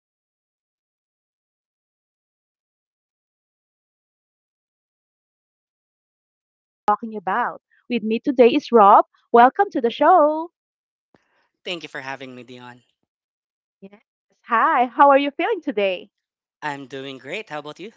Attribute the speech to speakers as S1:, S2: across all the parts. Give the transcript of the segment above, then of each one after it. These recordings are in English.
S1: conversations. So get comfy. Let's dive into today's topic or whatever we end up talking about. With me today is Rob. Welcome to the show.
S2: Thank you for having me, Dion.
S1: Yes. Hi, how are you feeling today?
S2: I'm doing great. How about you?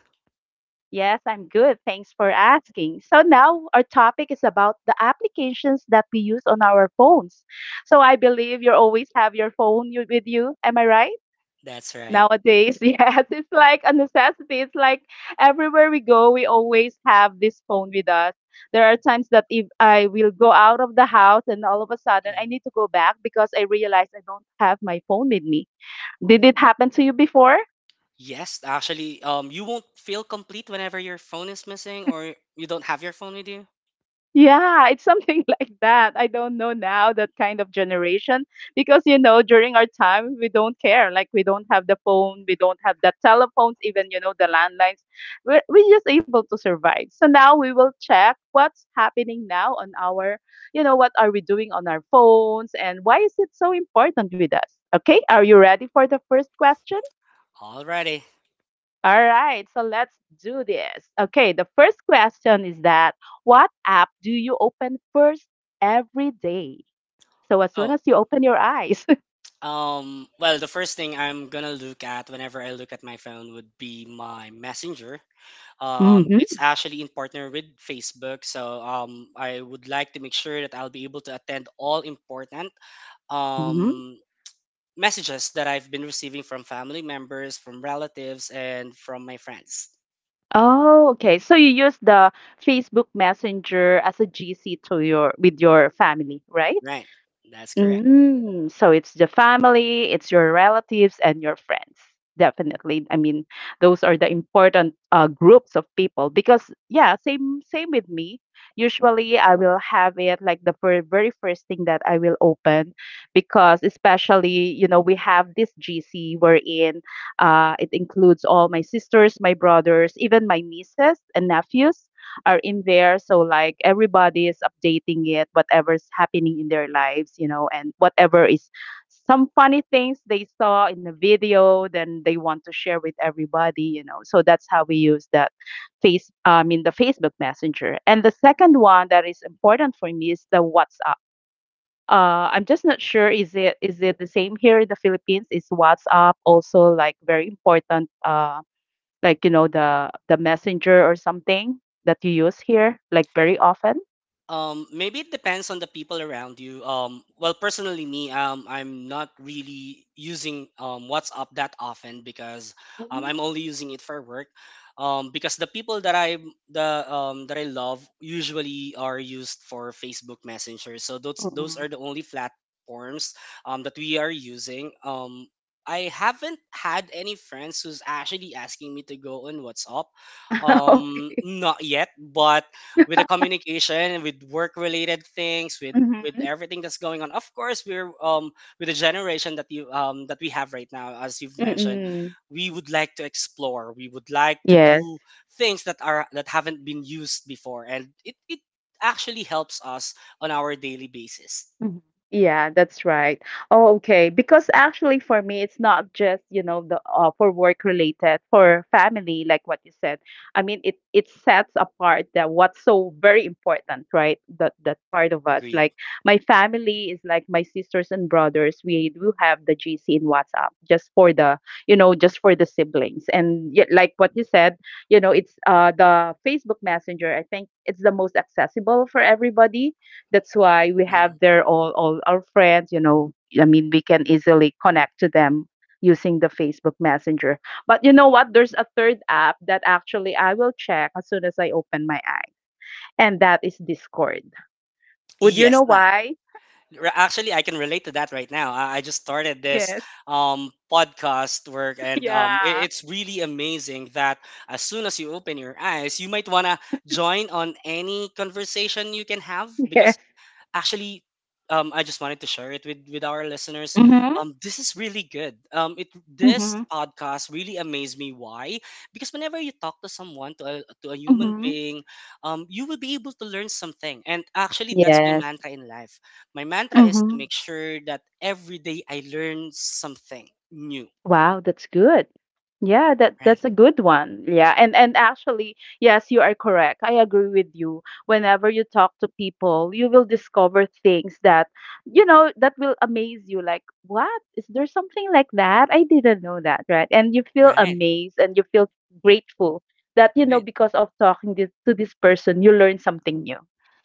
S1: Yes, I'm good. Thanks for asking. So now our topic is about the applications that we use on our phones. So I believe you always have your phone with you. Am I right?
S2: That's right.
S1: Nowadays, yes, it's like a necessity. It's like everywhere we go, we always have this phone with us. There are times that if I will go out of the house and all of a sudden I
S2: Mhm.
S1: need to go back because I realize I don't have my phone with me. Did it happen to you before?
S2: Yes, actually, you won't feel complete whenever your phone is missing or you don't have your phone with you.
S1: Yeah, it's something like that. I don't know now that kind of generation, because you know during our time we don't care. Like we don't have the phone, we don't have the telephones, even you know the landlines. We're just able to survive. So now we will check what's happening now on our, you know, what are we doing on our phones and why is it so important with us? Okay, are you ready for the first question?
S2: Alrighty.
S1: All right, so let's do this. Okay, the first question is that what app do you open first every day? So as soon
S2: Oh,
S1: as you open your eyes.
S2: well, the first thing I'm gonna look at whenever I look at my phone would be my Messenger. It's
S1: Mm-hmm.
S2: actually in partner with Facebook, so I would like to make sure that I'll be able to attend all important
S1: Mm-hmm.
S2: um messages that I've been receiving from family members, from relatives, and from my friends.
S1: Oh, okay. So you use the Facebook Messenger as a GC to your with your family, right?
S2: Right. That's correct.
S1: Mm, so it's the family, it's your relatives and your friends. Definitely. I mean, those are the important groups of people, because yeah, same with me. Usually I will have it like the fir very first thing that I will open, because especially, you know, we have this GC wherein it includes all my sisters, my brothers, even my nieces and nephews are in there. So like everybody is updating it, whatever's happening in their lives, you know, and whatever is some funny things they saw in a video, then they want to share with everybody, you know. So that's how we use that I mean, the Facebook Messenger. And the second one that is important for me is the WhatsApp. I'm just not sure.
S2: Ooh.
S1: Is it the same here in the Philippines? Is WhatsApp also like very important? Like, you know, the Messenger or something that you use here, like, very often?
S2: Maybe it depends on the people around you. Well, personally, me, I'm not really using WhatsApp that often because
S1: Mm, mm.
S2: I'm only using it for work. Because the people that I the that I love usually are used for Facebook Messenger. So those
S1: Mm.
S2: are the only platforms that we are using. I haven't had any friends who's actually asking me to go on WhatsApp.
S1: Okay.
S2: Not yet, but with the communication, with work related things, with
S1: Mhm.
S2: everything that's going on. Of course, we're with the generation that you that we have right now, as you've mentioned,
S1: Mm.
S2: we would like to explore. We would like to
S1: Yes.
S2: do things that are that haven't been used before, and it actually helps us on our daily basis.
S1: Mhm. Yeah, that's right. Oh, okay. Because actually, for me, it's not just, you know, the for work related, for family, like what you said. I mean, it sets apart that what's so very important, right? That part of us.
S2: Agreed.
S1: Like my family is like my sisters and brothers. We do have the GC in WhatsApp just for the, you know, just for the siblings. And yet, like what you said, you know, it's the Facebook Messenger. I think it's the most accessible for everybody, that's why we
S2: Mhm.
S1: have there all our friends, you know. I mean, we can easily connect to them using the Facebook Messenger. But you know what? There's a third app that actually I will check as soon as I open my eyes, and that is Discord. Would you
S2: Yes.
S1: know why?
S2: Actually, I can relate to that right now. I just started this
S1: Yes.
S2: podcast work, and
S1: Yeah.
S2: it's really amazing that as soon as you open your eyes, you might want to join on any conversation you can have because
S1: Yes.
S2: actually I just wanted to share it with our listeners.
S1: Mm-hmm.
S2: This is really good. It
S1: Mm-hmm.
S2: This podcast really amazed me why? Because whenever you talk to someone to a human
S1: Mm-hmm.
S2: being, you will be able to learn something. And actually that's my
S1: Yes.
S2: mantra in life. My mantra is to
S1: Mm-hmm.
S2: make sure that every day I learn something new.
S1: Wow, that's good. Yeah, that
S2: Right?
S1: that's a good one. Yeah, and actually, yes, you are correct. I agree with you. Whenever you talk to people, you will discover things that, you know, that will amaze you. Like, what? Is there something like that? I didn't know that, right? And you feel
S2: Right.
S1: amazed and you feel grateful that, you know,
S2: Right.
S1: because of talking to this person, you learn something new.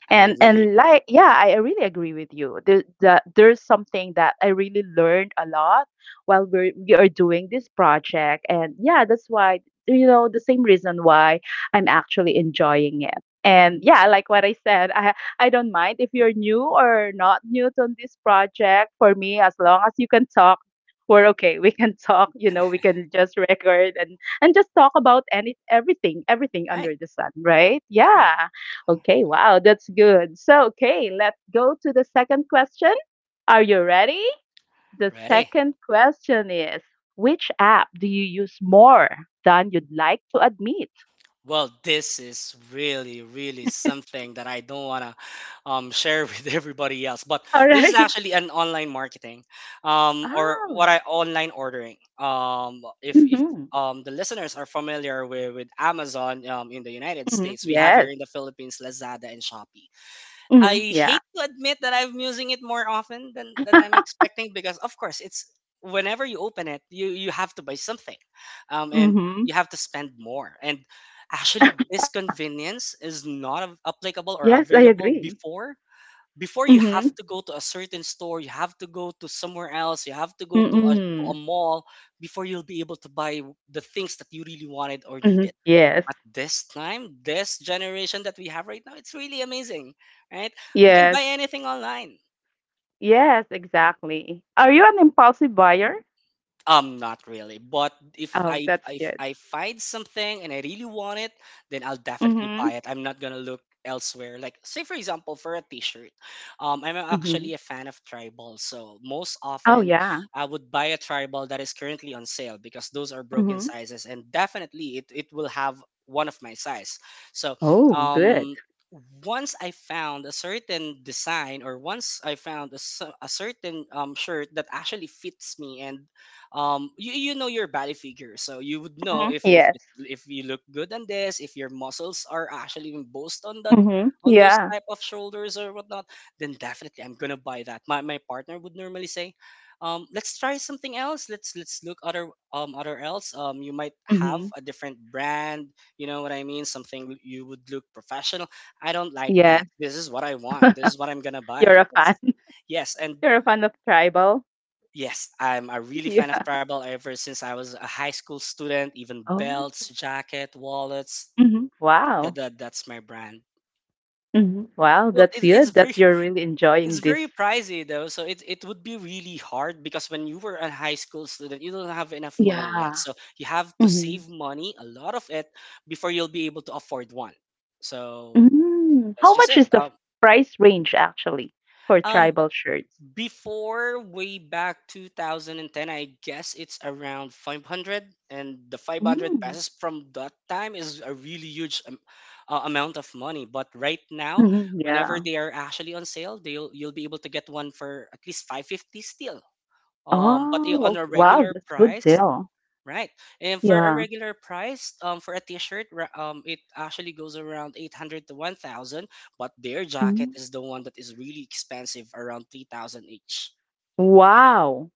S2: I really
S1: And
S2: agree.
S1: like, yeah, I really agree with you. That there's something that I really learned a lot while we are doing this project. And yeah, that's why, you know, the same reason why I'm actually enjoying it. And yeah, like what I said, I don't mind if you're new or not new to this project. For me, as long as you can talk, we're okay. We can talk, you know, we can just record and just talk about any everything, everything
S2: Right.
S1: under the sun, right?
S2: Right.
S1: Yeah. Okay, wow, that's good. So, okay, let's go to the second question. Are you ready? The
S2: Ready?
S1: second question is which app do you use more than you'd like to admit?
S2: Well, this is really, really something that I don't want to share with everybody else. But
S1: All
S2: this is
S1: right.
S2: actually an online marketing, or what
S1: Oh,
S2: I online ordering. Um, if if
S1: mm-hmm.
S2: um, the listeners are familiar with Amazon in the United
S1: Hmm.
S2: States, we have
S1: Yes.
S2: here in the Philippines Lazada and Shopee.
S1: Hmm.
S2: I
S1: Yeah.
S2: hate to admit that I'm using it more often than I'm expecting because of course it's whenever you open it you have to buy something and
S1: Hmm.
S2: you have to spend more and actually this convenience is not applicable
S1: Yes,
S2: or
S1: I
S2: available
S1: agree.
S2: before. Before you have
S1: Mm-hmm.
S2: to go to a certain store, you have to go to somewhere else, you have to go to a
S1: Mm-mm.
S2: mall before you'll be able to buy the things that you really wanted or
S1: Hmm.
S2: needed.
S1: Yes.
S2: At this time, this generation that we have right now, it's really amazing, right? You can
S1: Yes.
S2: buy anything online.
S1: Yes, exactly. Are you an impulsive buyer?
S2: Not really. But
S1: Oh, that's
S2: if
S1: good.
S2: I find something and I really want it, then I'll definitely
S1: Mm-hmm.
S2: buy it. I'm not gonna look elsewhere. Like say for example, for a T-shirt, I'm
S1: Mm-hmm.
S2: actually a fan of tribal, so most
S1: Oh,
S2: often
S1: yeah.
S2: I would buy a tribal that is currently on sale because those are broken
S1: Mm-hmm.
S2: sizes, and definitely it will have one of my size. So,
S1: Oh, good.
S2: um. Once I found a certain design, or once I found a certain shirt that actually fits me, and you know your body figure, so you would know
S1: Mm-hmm. Yes.
S2: if you look good on this, if your muscles are actually embossed on that,
S1: Mm-hmm.
S2: on those
S1: Yeah.
S2: type of shoulders or whatnot, then definitely I'm gonna buy that. My partner would normally say let's try something else, let's look other other else you might have
S1: Mm-hmm.
S2: a different brand, you know what I mean, something you would look professional. I don't like
S1: Yes.
S2: that. This is what I want, this is what I'm gonna buy.
S1: You're
S2: And
S1: a fan.
S2: that's yes and
S1: You're a fan of tribal?
S2: yes, I'm a really
S1: Yeah.
S2: fan of travel ever since I was a high school student. Even
S1: Oh.
S2: belts, jacket, wallets,
S1: Hmm. Wow.
S2: that's my brand.
S1: Hmm. Wow,
S2: No,
S1: that's
S2: it's
S1: good
S2: very
S1: that you're really enjoying
S2: it's
S1: this.
S2: very pricey though, so it would be really hard because when you were a high school student, you don't have enough money
S1: Yeah.
S2: yet. So you have to
S1: Hmm.
S2: save money, a lot of it, before you'll be able to afford one. So
S1: Mm.
S2: that's
S1: How
S2: just
S1: much
S2: it.
S1: is the price range actually for
S2: Um
S1: tribal shirts?
S2: Before way back 2010, I guess it's around 500, and the 500
S1: Mm.
S2: pesos from that time is a really huge amount of money. But right now,
S1: Hmm.
S2: whenever
S1: Yeah.
S2: they are actually on sale, they'll you'll be able to get one for at least 550 still. On
S1: Oh,
S2: a
S1: ok- wow,
S2: regular
S1: that's good
S2: price,
S1: deal.
S2: right? And for a
S1: Yeah.
S2: regular price, for a t-shirt, it actually goes around 800 to 1,000. But their jacket
S1: Mm.
S2: is the one that is really expensive, around 3,000 each.
S1: Wow.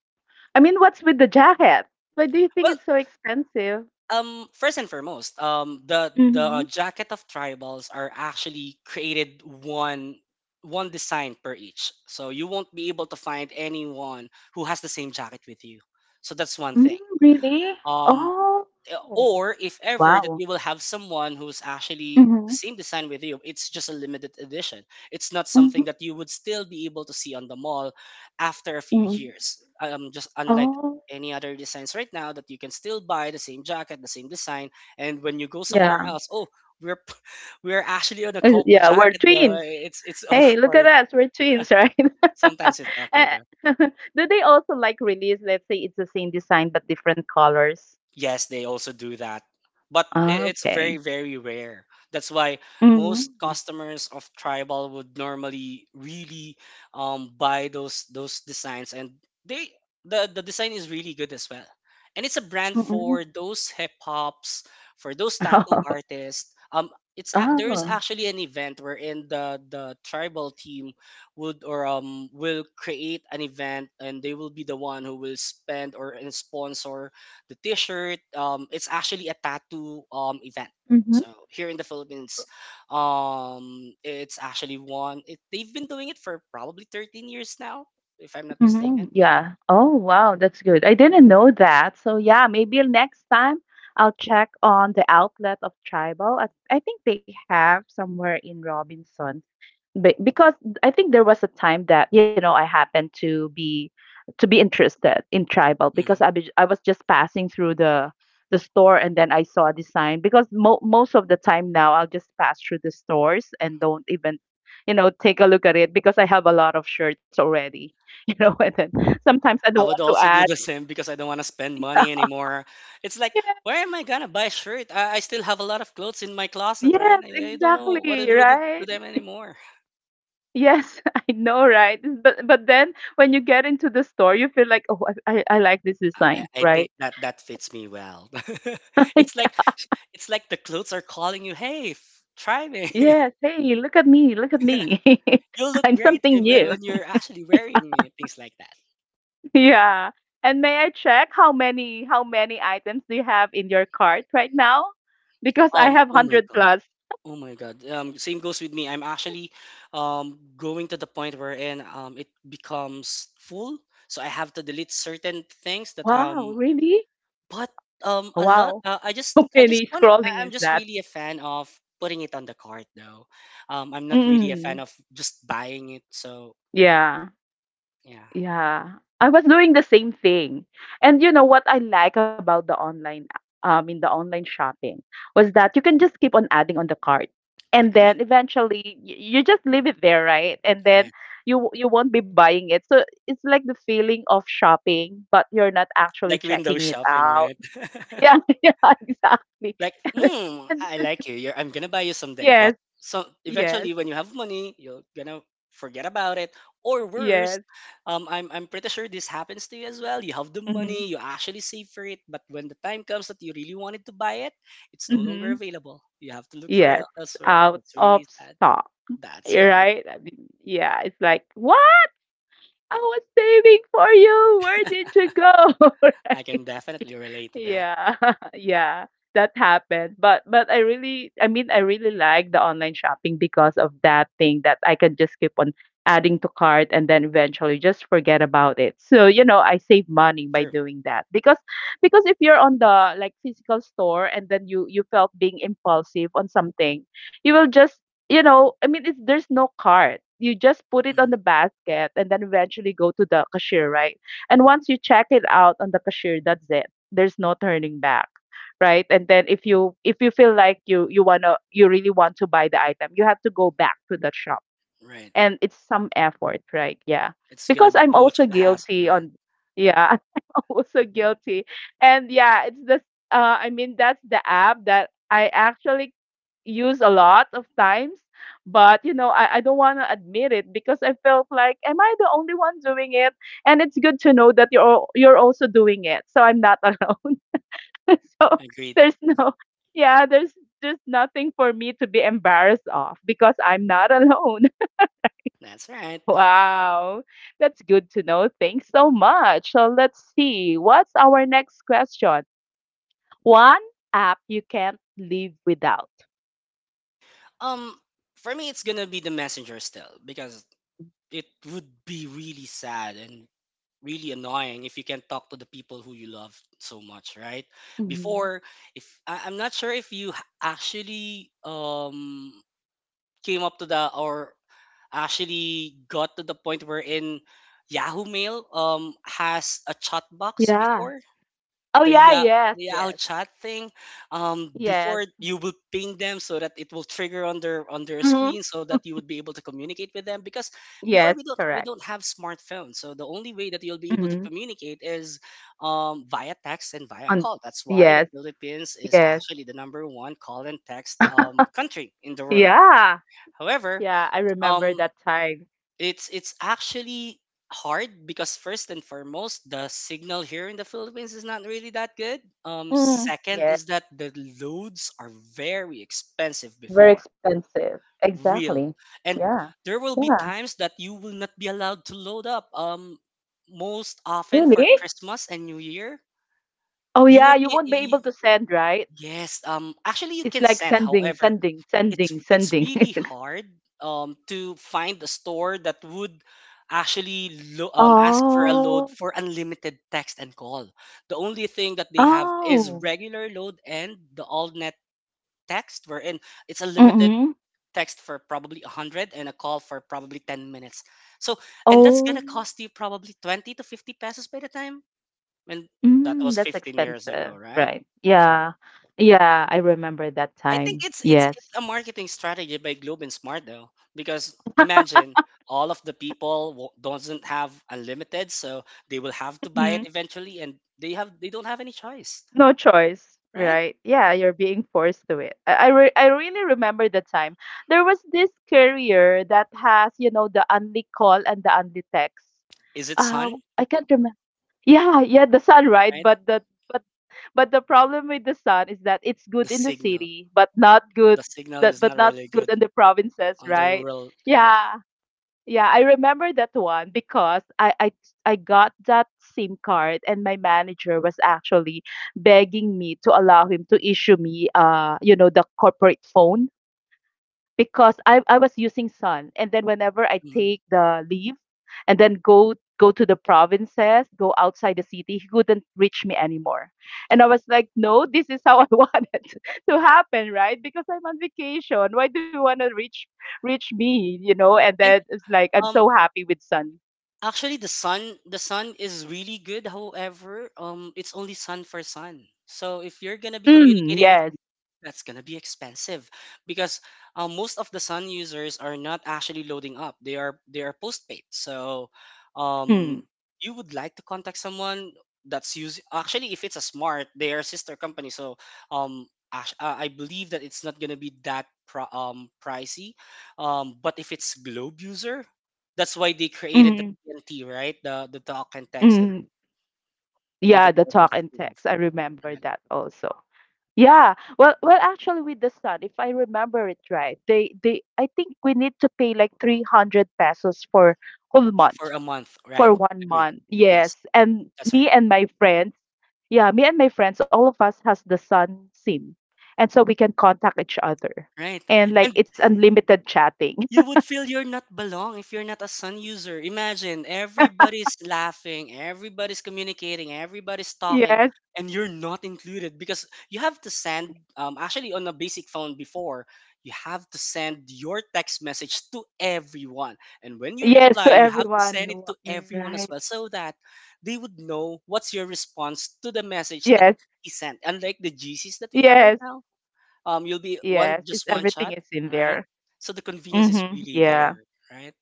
S1: I mean, what's with the jacket? Why do you think
S2: Well,
S1: it's so expensive?
S2: first and foremost, the
S1: Mm-hmm.
S2: jacket of tribals are actually created one design per each. So you won't be able to find anyone who has the same jacket with you. So that's one
S1: Mm,
S2: thing.
S1: really?
S2: Um,
S1: Oh,
S2: or if ever that
S1: wow.
S2: you will have someone who's actually the
S1: Mhm,
S2: same design with you, it's just a limited edition. It's not
S1: mhm,
S2: something that you would still be able to see on the mall after a few
S1: mm.
S2: years, just unlike
S1: Oh,
S2: any other designs right now that you can still buy the same jacket, the same design, and when you go somewhere
S1: yeah.
S2: else, oh, we're p- we're actually on a couple
S1: Yeah, we're
S2: jacket though,
S1: twins.
S2: it's
S1: Hey, look at
S2: awkward.
S1: us. We're twins, right?
S2: Sometimes it's awkward.
S1: Eh, do they also like release, let's say it's the same design but different colors?
S2: Yes, they also do that.
S1: Ah,
S2: It's
S1: okay.
S2: very, very rare. That's why
S1: Mhm,
S2: most customers of Tribal would normally really buy those designs, and they the design is really good as well. And it's a brand
S1: mhm.
S2: for those hip hops, for those tattoo
S1: Oh,
S2: artists. There is
S1: oh.
S2: actually an event wherein the tribal team would or will create an event, and they will be the one who will spend or and sponsor the t-shirt. It's actually a tattoo event,
S1: Mhm,
S2: so here in the Philippines, it's actually one it, they've been doing it for probably 13 years now if I'm not
S1: mhm.
S2: mistaken.
S1: Yeah. Oh, wow, that's good. I didn't know that. So yeah, maybe next time I'll check on the outlet of Tribal. I think they have somewhere in Robinson. Because I think there was a time that you know I happened to be interested in tribal because
S2: Hmm.
S1: I was just passing through the store and then I saw a design, because most of the time now I'll just pass through the stores and don't even you know take a look at it because I have a lot of shirts already you know and then sometimes I don't
S2: I
S1: want
S2: would
S1: to
S2: also do
S1: add.
S2: the same because I don't want to spend
S1: Yeah,
S2: money anymore. It's like,
S1: yes,
S2: where am I gonna buy a shirt? I still have a lot of clothes in my closet, right?
S1: yes,
S2: I don't
S1: exactly,
S2: know what to do with it
S1: right.
S2: to them anymore.
S1: Yes, I know, right? But then when you get into the store, you feel like, oh, I like this design,
S2: I think
S1: right?
S2: that that fits me well. It's like, it's like the clothes are calling you, hey, try me.
S1: Yes, hey, look at me, look at me.
S2: You'll look
S1: I'm
S2: great
S1: something
S2: if,
S1: new.
S2: when you're actually wearing it, things like that.
S1: Yeah. And may I check how many items do you have in your cart right now? Because I have
S2: Oh my
S1: 100
S2: god.
S1: plus.
S2: Oh my god. Same goes with me. I'm actually going to the point wherein it becomes full, so I have to delete certain things that
S1: Wow, really?
S2: but a lot.
S1: Wow.
S2: I just
S1: How many
S2: want it.
S1: scrolling
S2: I'm
S1: is
S2: just
S1: that?
S2: really a fan of putting it on the cart though. I'm not really a
S1: Mm,
S2: fan of just buying it, so
S1: yeah.
S2: yeah,
S1: Yeah, I was doing the same thing. And you know what I like about the online, in the online shopping was that you can just keep on adding on the cart, and
S2: agreed,
S1: then eventually you just leave it there, right? And then
S2: right?
S1: you won't be buying it. So it's like the feeling of shopping, but you're not
S2: Like
S1: actually
S2: window
S1: checking it
S2: shopping,
S1: out.
S2: right?
S1: Yeah, yeah, exactly.
S2: Like
S1: And,
S2: mm,
S1: and
S2: I like you. I'm gonna buy you someday, but
S1: yes,
S2: so
S1: yes,
S2: eventually when you have money you're gonna forget about it. Or worse,
S1: yes.
S2: I'm pretty sure this happens to you as well. You have the
S1: Mm-hmm,
S2: money, you actually save for it, but when the time comes that you really wanted to buy it, it's no longer
S1: mm-hmm.
S2: available, you have to look for
S1: Yes,
S2: elsewhere.
S1: out
S2: That's
S1: of
S2: really sad.
S1: stock.
S2: That's
S1: You're
S2: right.
S1: right. I mean, yeah, it's like, what? I was saving for you. Where did you go?
S2: I
S1: Right?
S2: can definitely relate to that.
S1: Yeah, yeah, that happened. But I really like the online shopping because of that thing that I can just keep on adding to cart, and then eventually just forget about it. So, you know, I save money by
S2: Sure.
S1: doing that, because if you're on the, like, physical store, and then you felt being impulsive on something, you will just, you know, I mean, there's no cart. You just put it on
S2: Hmm.
S1: the basket and then eventually go to the cashier, right? And once you check it out on the cashier, that's it. There's no turning back, right? And then if you feel like you really want to buy the item, you have to go back to the shop,
S2: Right.
S1: and it's some effort, right? Yeah.
S2: It's gonna
S1: because
S2: be
S1: I'm
S2: too much
S1: also
S2: of a hassle,
S1: guilty
S2: right?
S1: on Yeah, I'm also guilty. And yeah, it's the I mean, that's the app that I actually use a lot of times. But you know I don't want to admit it because I felt like, am I the only one doing it? And it's good to know that you're also doing it, so I'm not alone. So,
S2: Agreed.
S1: there's no yeah, there's just nothing for me to be embarrassed of because I'm not alone.
S2: That's right.
S1: Wow, that's good to know. Thanks so much. So let's see, what's our next question? One app you can't live without.
S2: Um, for me, it's gonna be the messenger still because it would be really sad and really annoying if you can't talk to the people who you love so much, right?
S1: Mhm.
S2: Before, if I, I'm not sure if actually came up to the or actually got to the point wherein Yahoo Mail has a chat box
S1: Yeah.
S2: before
S1: Oh
S2: the
S1: yeah,
S2: Yahoo,
S1: yes,
S2: the Yahoo
S1: yes.
S2: chat thing,
S1: Yes.
S2: before you will ping them so that it will trigger on their
S1: Hmm.
S2: screen so that you would be able to communicate with them, because before
S1: Yes,
S2: we don't we
S1: correct.
S2: don't have smartphones. So the only way that you'll be able to
S1: Hmm.
S2: communicate is via text and via
S1: On.
S2: call. That's why the
S1: Yes.
S2: Philippines is
S1: Yes.
S2: actually the number one call and text country in the world.
S1: Yeah,
S2: However,
S1: yeah, I
S2: um
S1: remember that time.
S2: it's actually hard because, first and foremost, the signal here in the Philippines is not really that good.
S1: Mm,
S2: Second is
S1: yes.
S2: that the loads are very expensive
S1: Very
S2: before
S1: expensive. Exactly.
S2: real, and
S1: Yeah.
S2: there will be
S1: Yeah.
S2: times that you will not be allowed to load up. Most often for
S1: Really?
S2: Christmas and New Year,
S1: Oh
S2: you
S1: yeah,
S2: won't
S1: you
S2: be.
S1: won't be able
S2: Y-
S1: to send, right?
S2: Yes. Actually, you
S1: It's
S2: can
S1: like
S2: send.
S1: sending,
S2: However,
S1: sending,
S2: it's
S1: sending,
S2: it's
S1: sending.
S2: really hard to find a store that would actually ask for a load
S1: Oh.
S2: for unlimited text and call. The only thing that they have is
S1: Oh.
S2: regular load and the all net text, wherein it's a limited
S1: Mm-hmm.
S2: text for probably 100 and a call for probably 10 minutes. So, and that's
S1: Oh.
S2: gonna cost you probably 20 to 50 pesos by the time. And that
S1: Mm,
S2: was
S1: that's
S2: 15 years ago,
S1: expensive,
S2: right?
S1: right?
S2: So,
S1: Yeah. Yeah, I remember that
S2: I think
S1: time.
S2: it's
S1: Yes.
S2: a marketing strategy by Globe and Smart though, because imagine all of the people doesn't have unlimited, so they will have to buy
S1: Mm-hmm.
S2: it eventually, and they don't have any choice,
S1: No choice,
S2: right?
S1: right? Yeah, you're being forced to it. I really remember the time. There was this carrier that has, you know, the only call and the only text.
S2: Is it
S1: Uh,
S2: sun?
S1: I can't remember. Yeah, yeah, the sun, right?
S2: Right?
S1: But but the problem with the sun is that it's
S2: The
S1: good in the
S2: signal,
S1: city,
S2: the signal is
S1: but
S2: not
S1: not
S2: really
S1: good in
S2: good
S1: the provinces,
S2: on the
S1: right?
S2: rural. Yes.
S1: Yeah. Yeah, I remember that one because I got that SIM card, and my manager was actually begging me to allow him to issue me the corporate phone because I was using Sun, and then whenever I
S2: Mhm.
S1: take the leave and then go to the provinces, go outside the city, he couldn't reach me anymore. And I was like, no, this is how I wanted to happen, right? Because I'm on vacation. Why do you want to reach me? You know? And then
S2: And
S1: it's like, I'm
S2: um,
S1: so happy with Sun.
S2: actually, the sun is really good. However, it's only sun for sun. So if you're gonna be
S1: Mm,
S2: communicating with
S1: yes.
S2: people, that's gonna be expensive because, most of the sun users are not actually loading up. They are postpaid. So,
S1: Mm,
S2: um, you would like to contact someone that's using, actually, if it's a smart, they are sister company. So, I believe that it's not gonna be that pricey. But if it's Globe user, that's why they created
S1: mm,
S2: TNT, right? The talk and text. And
S1: mm.
S2: the
S1: Yeah, the talk
S2: partners that
S1: and
S2: we have,
S1: text. I remember
S2: right?
S1: that also. Yeah. Well, actually, with the sun, if I remember it right, they I think we need to pay like 300 pesos for whole month,
S2: For a month,
S1: for
S2: right?
S1: 1 month.
S2: Agreed.
S1: Yes.
S2: Yes,
S1: And
S2: that's
S1: me
S2: right.
S1: and my friends, yeah, me and my friends, all of us has the sun SIM. And so we can contact each other.
S2: Right.
S1: And like
S2: And
S1: it's unlimited chatting.
S2: you would feel you're not belong if you're not a sun user. Imagine everybody's laughing, everybody's communicating, everybody's talking,
S1: Yes.
S2: and you're not included because you have to send. Actually, on a basic phone before, you have to send your text message to everyone, and when you
S1: Yes,
S2: reply,
S1: to
S2: you have to
S1: everyone.
S2: send it to
S1: Right.
S2: everyone as well, so that they would know what's your response to the message that
S1: Yes.
S2: he sent. Unlike the GCs that we have right
S1: Yes.
S2: now, you'll be
S1: Yes. It's
S2: one
S1: everything
S2: shot,
S1: is in
S2: right?
S1: there.
S2: So the convenience is
S1: Mm-hmm.
S2: really
S1: Yeah.
S2: there, right?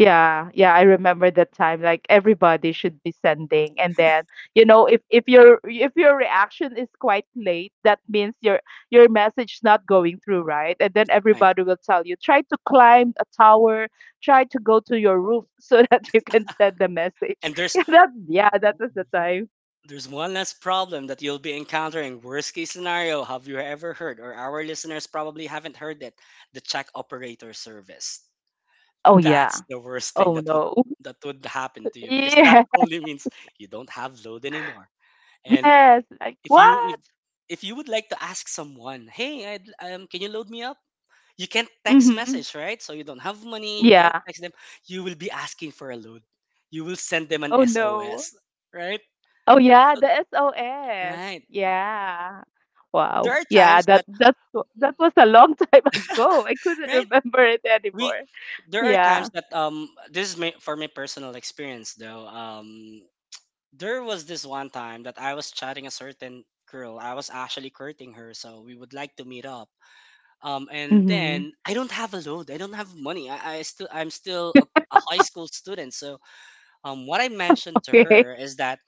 S1: Yeah, yeah, I remember that time. Like everybody should be sending, and then, you know, if your reaction is quite late, that means your message not going through, right? And then
S2: Right.
S1: everybody will tell you, try to climb a tower, try to go to your roof so that you can send the message.
S2: And there's
S1: Yeah, that yeah, that was the time.
S2: there's one less problem that you'll be encountering. Worst case scenario, have you ever heard, or our listeners probably haven't heard it, the check operator service?
S1: Oh
S2: That's
S1: yeah.
S2: the worst thing
S1: Oh
S2: that would
S1: no.
S2: happen to you, because that
S1: Yes,
S2: only means you don't have load anymore. And
S1: yes. Like
S2: if you if,
S1: what?
S2: if you would like to ask someone, hey, can you load me up? You can't text
S1: Mm-hmm.
S2: message, right? So you don't have money, you can't
S1: Yeah.
S2: text them. You will be asking for a load. You will send them an
S1: Oh no.
S2: SOS, right?
S1: Oh, yeah,
S2: So,
S1: the SOS.
S2: right.
S1: Yeah. Wow.
S2: There are
S1: Yeah,
S2: times
S1: that
S2: that,
S1: that's w- that was a long time ago. I couldn't
S2: right?
S1: remember it
S2: We
S1: anymore.
S2: there are
S1: Yeah.
S2: times that, this is for my personal experience though. There was this one time that I was chatting a certain girl. I was actually courting her, so we would like to meet up. And then
S1: Hmm.
S2: I don't have a load. I don't have money. I'm still a high school student. So, what I mentioned to
S1: Okay.
S2: her is that,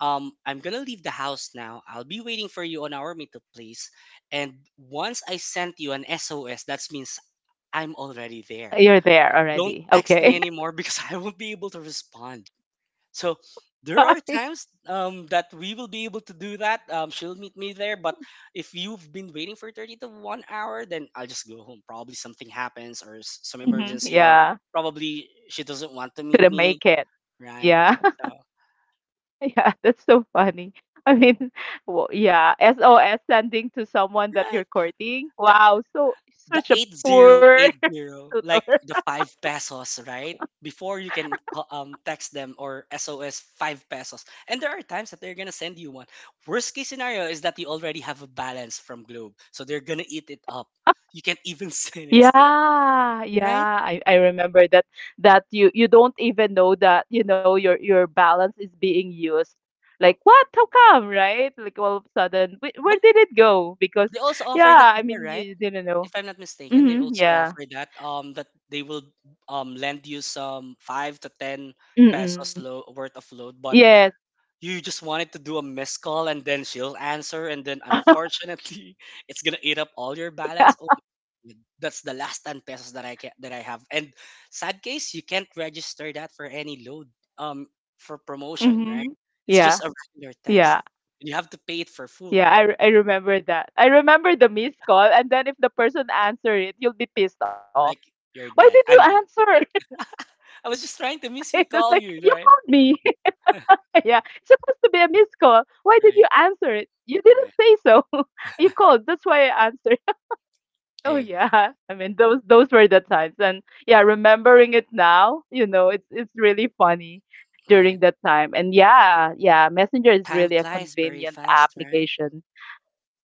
S2: I'm gonna leave the house now. I'll be waiting for you on our meetup place. And once I sent you an SOS, that means I'm already there.
S1: You're there
S2: Don't
S1: already.
S2: text me
S1: Okay.
S2: anymore because I won't be able to respond. So there are
S1: Bye.
S2: times, that we will be able to do that. She'll meet me there, but if you've been waiting for 30 to 1 hour, then I'll just go home. Probably something happens or some
S1: Hmm.
S2: emergency, or
S1: Yeah.
S2: probably she doesn't want to meet
S1: Couldn't
S2: me,
S1: make it.
S2: right?
S1: Yeah.
S2: So.
S1: Yeah, that's so funny. I mean, yeah, SOS sending to someone that you're
S2: Right.
S1: courting.
S2: The
S1: Wow, so
S2: the
S1: such a poor
S2: 8080, like
S1: tutor.
S2: the 5 pesos, right? Before you can text them or SOS 5 pesos. And there are times that they're going to send you one. Worst case scenario is that you already have a balance from Globe, so they're going to eat it up. You can't even send it still,
S1: Yeah, yeah,
S2: right?
S1: I remember that, that you don't even know that you know your balance is being used. Like, what? How come? Right? Like all of a sudden, where
S2: But
S1: did it go? Because,
S2: they also offer that
S1: yeah, I
S2: before,
S1: mean, you,
S2: right?
S1: you didn't know.
S2: If I'm not mistaken, they
S1: Mm-hmm,
S2: also
S1: yeah.
S2: offer that, that they will lend you some 5 to 10 pesos
S1: Mm-mm.
S2: worth of load, but
S1: Yes.
S2: you just wanted to do a missed call, and then she'll answer, and then, unfortunately, it's gonna eat up all your
S1: Yeah.
S2: balance. Oh my God, that's the last 10 pesos that I can that I have. And sad case, you can't register that for any load um for
S1: Mm-hmm.
S2: promotion, right? It's
S1: Yeah.
S2: just a regular
S1: Yeah.
S2: text, and you have to pay it for full.
S1: Yeah. I remember that. I remember the missed call, and then if the person answer it, you'll be pissed off.
S2: Like, you're
S1: Why
S2: dead,
S1: did you
S2: I'm dead.
S1: answer?
S2: I was just trying to miss you
S1: It's
S2: call
S1: like
S2: you,
S1: you
S2: right?
S1: called me. Yeah, it's supposed to be a missed call. Why did
S2: Right.
S1: you answer it? You didn't say
S2: Right.
S1: so. You called, that's why I answered.
S2: I
S1: Oh
S2: agree.
S1: yeah. I mean, those were the times. And yeah, remembering it now, you know, it's really funny during
S2: Right.
S1: that time. And yeah, yeah, Messenger is
S2: Time
S1: really a
S2: flies very
S1: convenient
S2: fast, right?
S1: application.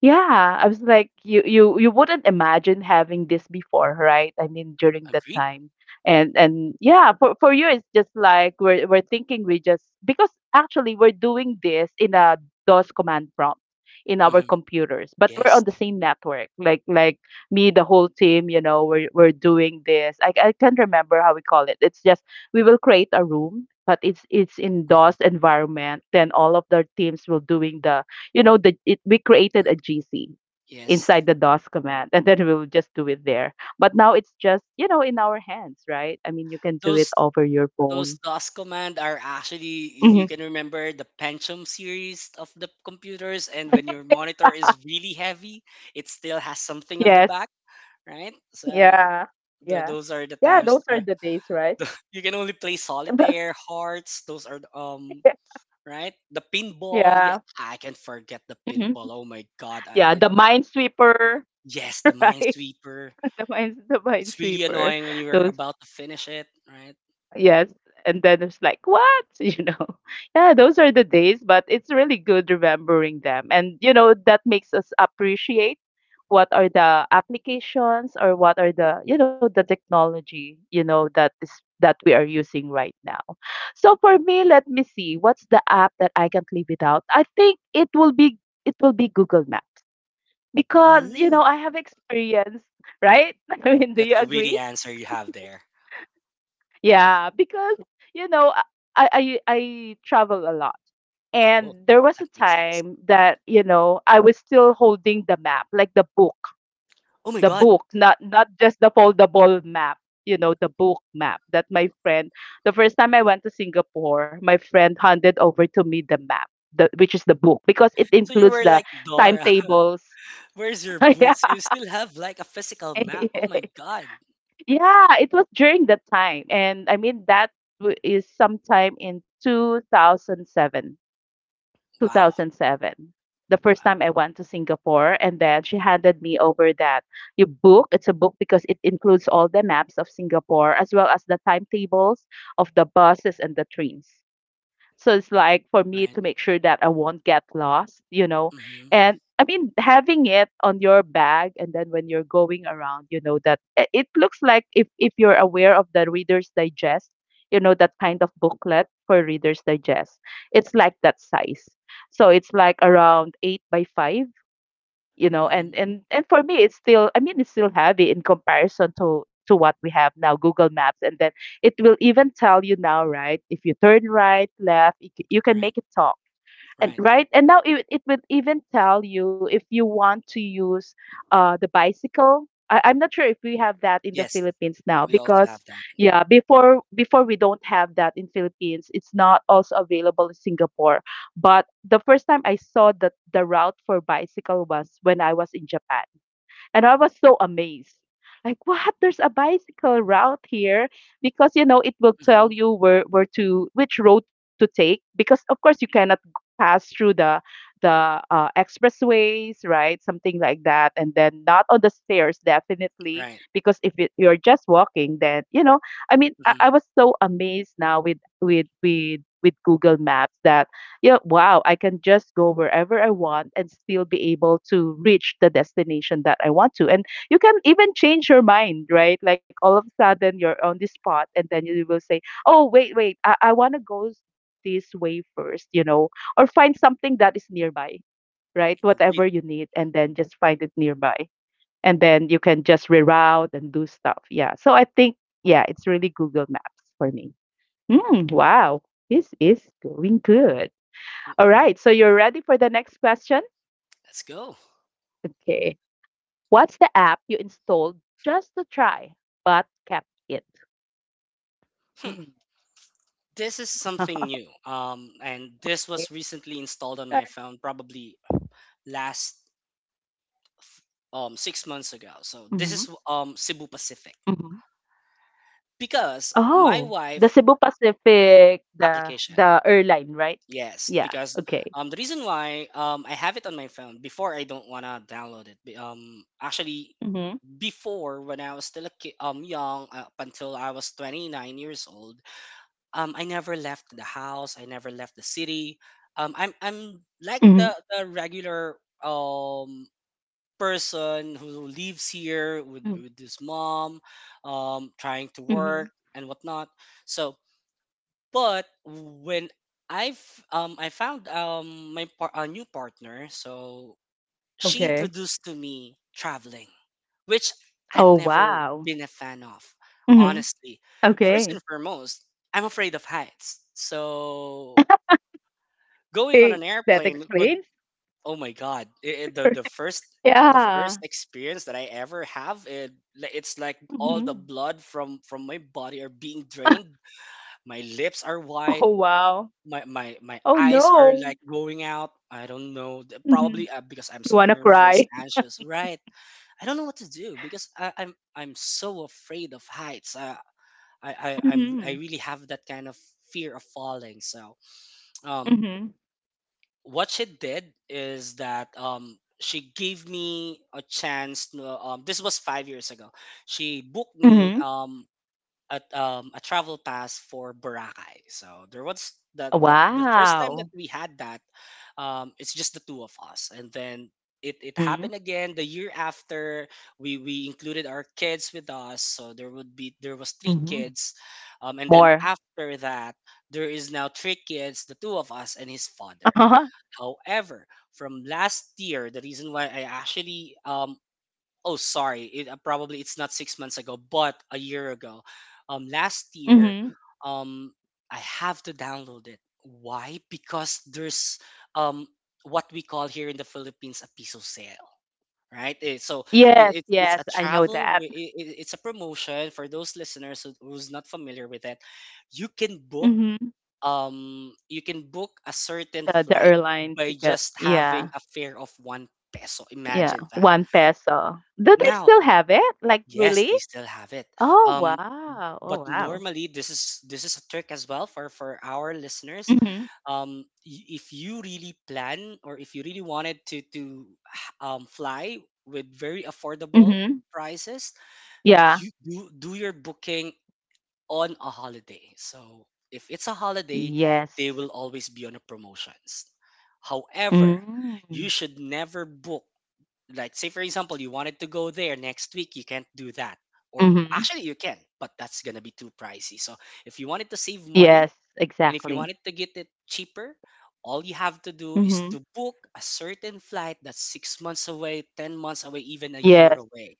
S1: Yeah, I was like, you wouldn't imagine having this before, right? I mean, during that
S2: Agreed.
S1: time. And yeah, for you, it's just like we're thinking, we just because actually we're doing this in a DOS command prompt in our
S2: Hmm.
S1: computers, but we're on
S2: Yes.
S1: the same network. Like me, the whole team, you know, we're doing this. I can't remember how we call it. It's just, we will create a room, but it's in DOS
S2: Hmm.
S1: environment. Then all of the teams will doing the, you know, we created a gc
S2: Yes,
S1: inside the dos command, and then we'll just do it there. But now it's just, you know, in our hands, right? I mean, you can do it
S2: those
S1: over your
S2: those
S1: phone.
S2: DOS command are actually, if you
S1: Hmm.
S2: can remember, the Pentium series of the computers, and when your monitor is really heavy, it still has something on the
S1: Yes.
S2: back, right? So
S1: Yeah,
S2: tho-
S1: yeah,
S2: those are the
S1: yeah,
S2: times,
S1: those are the days, right?
S2: you can only play solitaire, hearts. Those are the, right. The pinball. Yeah,
S1: Yeah.
S2: I can forget the pinball.
S1: Hmm.
S2: Oh my God,
S1: Yeah, the minesweeper.
S2: yes, the
S1: Right.
S2: minesweeper.
S1: The
S2: It's really
S1: minesweeper.
S2: annoying when you're
S1: Those.
S2: about to finish it, right?
S1: Yes. And then it's like, what? You know, yeah, those are the days, but it's really good remembering them. And, you know, that makes us appreciate what are the applications, or what are the, you know, the technology, you know, that is that we are using right now. So for me, let me see, what's the app that I can't live without? I think it will be Google Maps, because, you know,
S2: Ooh,
S1: I have experience, right? I mean, do you
S2: that's a
S1: agree?
S2: witty answer you have there.
S1: Yeah, because, you know, I travel a lot. And
S2: Oh,
S1: there was
S2: that
S1: a
S2: makes sense.
S1: time that, you know, I was still holding the map, like the book,
S2: Oh my God.
S1: not just the foldable map, you know, the book map that my friend, the first time I went to Singapore, my friend handed over to me the map, the which is the book, because it
S2: So you
S1: includes
S2: were
S1: the
S2: like Dora.
S1: timetables.
S2: Where's your
S1: Yeah.
S2: boots? You still have like a physical map. Oh my God.
S1: Yeah, it was during that time. And I mean, that is sometime in 2007,
S2: Wow.
S1: 2007. The first time I
S2: Wow.
S1: went to Singapore, and then she handed me over that you book. It's a book because it includes all the maps of Singapore, as well as the timetables of the buses and the trains. So it's like for me
S2: Right.
S1: to make sure that I won't get lost, you know.
S2: Mhm.
S1: And I mean, having it on your bag, and then when you're going around, you know that, it looks like, if you're aware of the Reader's Digest, you know that kind of booklet for Reader's Digest. It's like that size. So it's like around 8 by 5, you know,
S2: Mhm.
S1: and for me it's still, I mean, it's still heavy in comparison to what we have now, Google Maps. And then it will even tell you now, right, if you turn right, left, you can
S2: Right.
S1: make it talk. And
S2: Right.
S1: right, and now it will even tell you if you want to use the bicycle. I'm not sure if we have that in the
S2: Yes,
S1: Philippines now,
S2: we also
S1: because
S2: have that.
S1: yeah, before we don't have that in Philippines. It's not also available in Singapore, but the first time I saw that, the route for bicycle was when I was in Japan. And I was so amazed. Like, what? There's a bicycle route here, because you know it will tell
S2: Mhm.
S1: you where to which road to take, because of course you cannot pass through the expressways, right? Something like that, and then not on the stairs, definitely,
S2: Right.
S1: because if it, you're just walking, then you know. I mean, I
S2: Mhm.
S1: was so amazed now with Google Maps that, yeah, wow, I can just go wherever I want and still be able to reach the destination that I want to. And you can even change your mind, right? Like all of a sudden you're on the spot, and then you will say, oh, wait, wait, I want to go this way first, you know, or find something that is nearby, right? Whatever
S2: Agreed.
S1: you need, and then just find it nearby. And then you can just reroute and do stuff. Yeah. So I think, yeah, it's really Google Maps for me. Mm, wow, this is going good. All right, so you're ready for the next question?
S2: Let's go.
S1: Okay. What's the app you installed just to try but kept it? Mm.
S2: This is something new.
S1: Okay.
S2: And this was recently installed on my phone probably last 6 months ago.
S1: Mm-hmm.
S2: So this is, Cebu
S1: Mm-hmm.
S2: Pacific, because
S1: Oh,
S2: my
S1: the Cebu
S2: wife
S1: Pacific, the
S2: application.
S1: the airline, right? Yeah.
S2: Yes, because,
S1: Okay.
S2: the reason why, I have it on my phone before, I don't wanna download it. Actually,
S1: Mm-hmm.
S2: before, when I was still a young, up until I was 29 years old, I never left the house. I never left the city. I'm like
S1: Mm-hmm.
S2: the regular um person who lives here with his mom, trying to work
S1: Mm-hmm.
S2: and whatnot. So, but when I've I found my a new partner, so she
S1: Okay.
S2: introduced to me traveling, which I've
S1: Oh,
S2: never
S1: wow.
S2: been a fan of,
S1: Mm-hmm.
S2: honestly. First
S1: Okay.
S2: and foremost, I'm afraid of heights. So going on
S1: Hey,
S2: an
S1: that
S2: airplane would,
S1: explains.
S2: oh my God, the the first the
S1: Yeah.
S2: first experience that I ever have, it's like all the
S1: Mm-hmm.
S2: blood from my body are being drained. My lips are white,
S1: Oh, wow.
S2: my
S1: Oh,
S2: eyes are
S1: no.
S2: like going out. I don't know. Probably, because I'm
S1: You
S2: so
S1: wanna
S2: nervous,
S1: cry?
S2: anxious. Right. I don't know what to do because I'm so afraid of heights. I
S1: Mhm,
S2: really have that kind of fear of falling. So, um,
S1: mhm,
S2: what she did is that, she gave me a chance. No, This was 5 years ago. She booked me,
S1: mhm.
S2: a travel pass for Boracay. So there was the first time that
S1: Wow.
S2: we had that. It's just the two of us, and then it
S1: Mhm,
S2: happened again. The year after, we included our kids with us, so there would be there was three
S1: mhm.
S2: kids. And then
S1: More.
S2: after that, there is now three kids, the two of us, and his father.
S1: Uh-huh.
S2: However, from last year, the reason why I actually, oh, sorry, probably it's not 6 months ago but a year ago, last year,
S1: Mhm.
S2: um I have to download it. Why? Because there's, um what we call here in the Philippines, a piso sale, right? So
S1: Yes,
S2: it, it, it's
S1: yes,
S2: a
S1: I know
S2: travel
S1: that.
S2: wi- I- it's a promotion for those listeners who's not familiar with it. You can book,
S1: Mhm.
S2: you can book a certain
S1: The
S2: flight
S1: airline
S2: by
S1: ticket.
S2: just having
S1: Yeah,
S2: a fare of one peso.
S1: yeah.
S2: Imagine that
S1: 1 peso. Do they
S2: now.
S1: still have it? Like,
S2: Yes,
S1: really?
S2: they still have it.
S1: Oh,
S2: Um,
S1: wow. Oh,
S2: but
S1: wow.
S2: normally, this is a trick as well for our listeners.
S1: Mhm,
S2: If you really plan, or if you really wanted to fly with very affordable
S1: mhm.
S2: prices,
S1: Yeah.
S2: you do your booking on a holiday. So if it's a holiday,
S1: Yes.
S2: they will always be on a promotions. However,
S1: Mm.
S2: you should never book, like say for example you wanted to go there next week, you can't do that. Or
S1: Mhm.
S2: actually you can, but that's gonna be too pricey. So if you wanted to save money
S1: Yes,
S2: and if you
S1: exactly.
S2: wanted to get it cheaper, all you have to do is to
S1: Mhm.
S2: book a certain flight that's 6 months away, 10 months away, even a
S1: Yes,
S2: year away.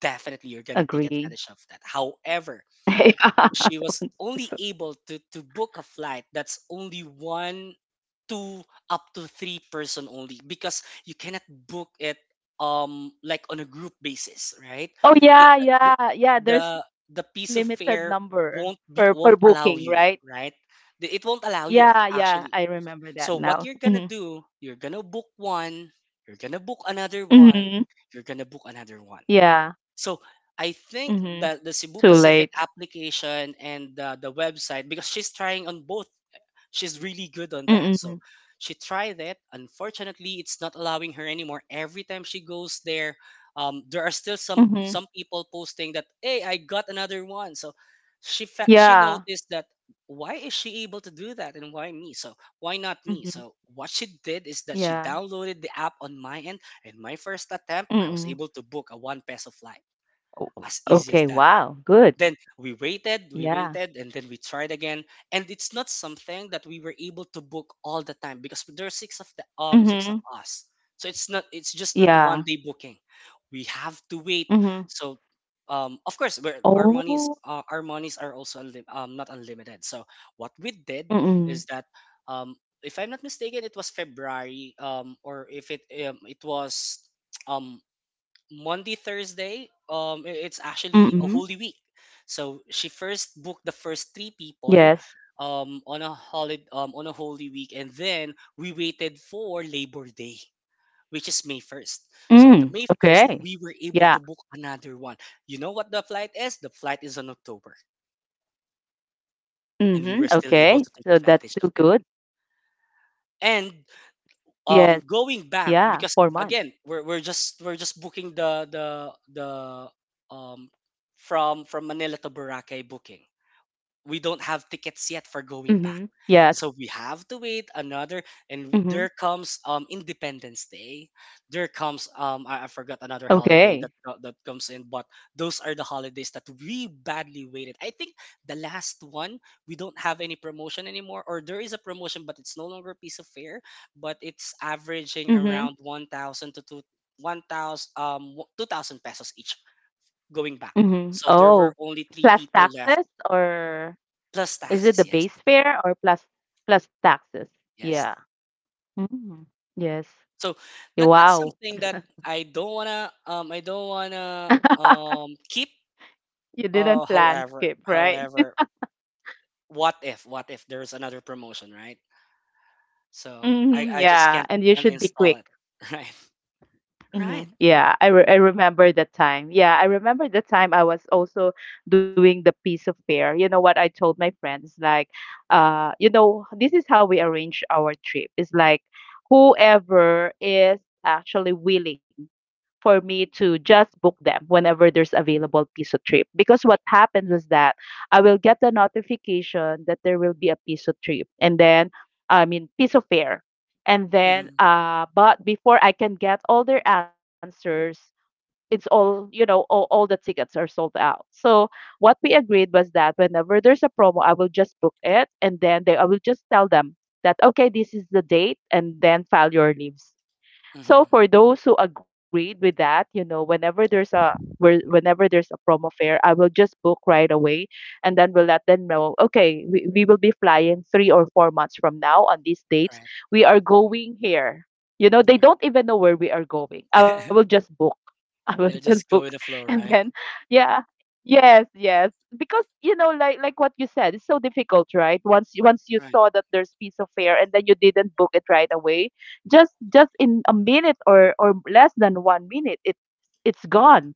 S2: Definitely you're gonna take
S1: agree.
S2: advantage of that. However,
S1: Yeah,
S2: she was
S1: one
S2: only
S1: person.
S2: able to book a flight that's only one, two, up to three person only, because you cannot book it like on a group basis, right?
S1: Oh
S2: it
S1: yeah,
S2: the
S1: yeah, yeah.
S2: the
S1: There's
S2: the
S1: limited
S2: piece of
S1: number
S2: fare
S1: per per
S2: won't
S1: booking,
S2: allow
S1: right?
S2: you, right? It won't allow you
S1: Yeah, yeah.
S2: actually.
S1: I remember that
S2: So what
S1: now.
S2: you're gonna
S1: Hmm.
S2: do, you're gonna book one, you're gonna book another one,
S1: Hmm.
S2: you're gonna book another one.
S1: Yeah.
S2: So I think
S1: Hmm.
S2: that the Cebu
S1: Too
S2: Pacific
S1: late.
S2: application and the website, because she's trying on both. She's really good on that.
S1: Mm-hmm.
S2: So she tried it. Unfortunately, it's not allowing her anymore. Every time she goes there, there are still
S1: Hmm.
S2: some people posting that, "Hey, I got another one." So she
S1: Yeah.
S2: noticed that, why is she able to do that and why me? So why not me?
S1: Hmm.
S2: So what she did is that she
S1: Yeah.
S2: downloaded the app on my end, and my first attempt, I was
S1: Mm-hmm.
S2: able to book a 1 peso flight. As easy as
S1: Okay.
S2: that.
S1: Wow. Good.
S2: Then we
S1: Yeah.
S2: waited, and then we tried again, and it's not something that we were able to book all the time, because there are six of
S1: Hmm.
S2: us. So it's just not one
S1: Yeah.
S2: day booking, we have to wait.
S1: Hmm.
S2: So of course, our monies,
S1: Oh.
S2: our monies are also not unlimited. So what we did
S1: Mm-hmm.
S2: is that, um if I'm not mistaken, it was February, or if it it was um Monday, Thursday, it's actually a holy
S1: Mm-hmm.
S2: week. So she first booked the first three
S1: Yes.
S2: people on a holiday, on a holy week, and then we waited for Labor Day, which is May first. So on the
S1: Mm.
S2: May first,
S1: Okay.
S2: we were able to
S1: Yeah.
S2: book another one. You know what the flight is? The flight is on October, and we were still
S1: Mhm,
S2: able to take
S1: okay.
S2: advantage
S1: So
S2: of it.
S1: that's still good.
S2: And
S1: Yes. Yeah, 4
S2: going
S1: months.
S2: back, because again, we're just booking the um from manila to boracay booking. We don't have tickets yet for going back.
S1: Mhm. Yes.
S2: So we have to wait another. And
S1: Mhm.
S2: there comes Independence Day. There comes I forgot another holiday that
S1: Okay.
S2: that comes in, but those are the holidays that we badly waited. I think the last one, we don't have any promotion anymore, or there is a promotion but it's no longer a piece of fare, but it's averaging around
S1: Mhm.
S2: 1,000 to 2 1,000 um 2,000 pesos each going back.
S1: Mhm.
S2: So there were
S1: Oh,
S2: only 3
S1: plus
S2: people left.
S1: taxes? Or
S2: Plus
S1: is it the
S2: taxes, yes.
S1: base fare or plus taxes? Yeah.
S2: Yes.
S1: Mm. Yes.
S2: So that's
S1: Wow.
S2: something that I don't wanna keep.
S1: You didn't plan to
S2: However,
S1: skip, right?
S2: what if, what if there's another promotion, right? So
S1: Mhm.
S2: I just
S1: Yeah,
S2: can't
S1: and you should be
S2: uninstall
S1: quick.
S2: it. Right.
S1: Hmm
S2: Right.
S1: Yeah, I remember that time. Yeah, I remember the time I was also doing the piece of fair. You know what I told my friends? Like, this is how we arrange our trip. It's like whoever is actually willing for me to just book them whenever there's available piso trip. Because what happens is that I will get the notification that there will be a piso trip, and then I mean piso fair, and then
S2: Mm-hmm.
S1: but before I can get all their answers, it's all you know all the tickets are sold out. So what we agreed was that whenever there's a promo, I will just book it, and then they I will just tell them that, okay, this is the date, and then file your leaves. So
S2: Mm-hmm.
S1: for those who agreed with that, you know, whenever there's a whenever there's a promo fare, I will just book right away and then we'll let them know, okay, we will be flying 3 or 4 months from now on these dates.
S2: Right.
S1: We are going here. You know, they don't even know where we are going. I will
S2: Right.
S1: just book. I will just
S2: They'll
S1: book.
S2: just go with the flow,
S1: And then
S2: right?
S1: yeah. Yes, yes. Because you know, like what you said, it's so difficult, right? Once you
S2: Right.
S1: saw that there's piece of fare and then you didn't book it right away, just in a minute, or less than 1 minute, it it's gone.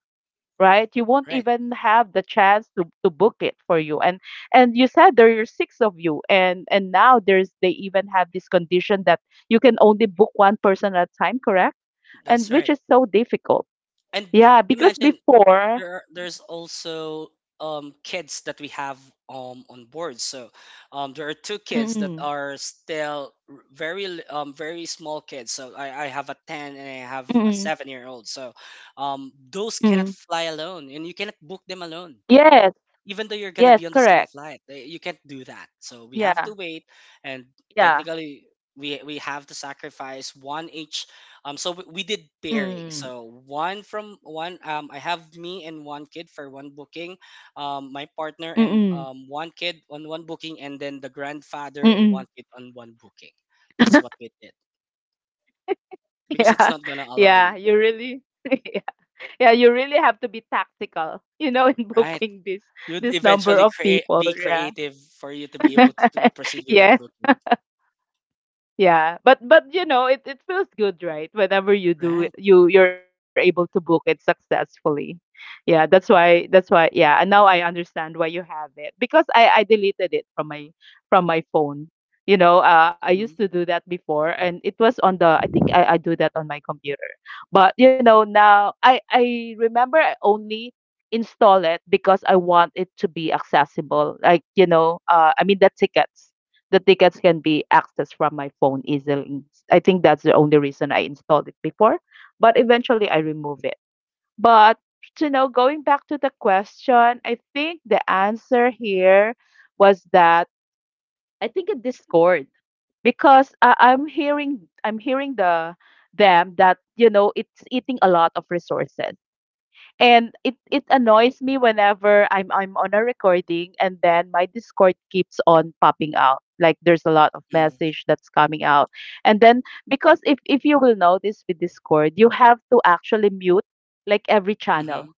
S1: Right, you won't
S2: Right.
S1: even have the chance to book it for you. And you said there are six of you, and now there's, they even have this condition that you can only book one person at a time, correct? And
S2: That's
S1: which
S2: right.
S1: is so difficult.
S2: And
S1: Yeah, because
S2: imagine,
S1: before.
S2: there's also kids that we have on board. So there are two kids that
S1: Mm,
S2: are still very small kids. So I have a ten and I have
S1: mm,
S2: a 7-year old. So those
S1: mm.
S2: cannot fly alone, and you cannot book them alone,
S1: Yes,
S2: even though you're gonna
S1: yes,
S2: be on the same
S1: correct.
S2: flight, eh, you can't do that. So we have
S1: Yeah,
S2: to wait. And
S1: yeah.
S2: technically we have to sacrifice one each. So we did pairing.
S1: Mm,
S2: So one from one, I have me and one kid for one booking, my partner and
S1: mm,
S2: one kid on one booking, and then the grandfather
S1: mm,
S2: and one
S1: mm.
S2: kid on one booking. That's what we did, because it's
S1: Yeah,
S2: not gonna allow you,
S1: yeah, you really, yeah, yeah, you really have to be tactical, you know, in
S2: right?
S1: booking this
S2: You'd
S1: this number
S2: eventually
S1: of
S2: create
S1: people.
S2: be
S1: Yeah,
S2: creative for you to be able to proceed with that
S1: yes.
S2: booking.
S1: Yeah, but you know, it feels good, right? Whenever you do it,
S2: Right.
S1: you you're able to book it successfully. Yeah, that's why, yeah, and now I understand why you have it, because I deleted it from my phone. You know, I used
S2: Mm-hmm.
S1: to do that before, and it was on the, I think I do that on my computer. But you know, now I remember I only install it because I want it to be accessible. Like, you know, the tickets, the tickets can be accessed from my phone easily. I think that's the only reason I installed it before, but eventually I remove it. But you know, going back to the question, I think the answer here was that I think it Discord, because I'm hearing the them that you know it's eating a lot of resources, and it annoys me whenever I'm on a recording and then my Discord keeps on popping out. Like there's a lot of message that's coming out. And then, because if you will notice with Discord, you have to actually mute like every channel.
S2: Mm-hmm.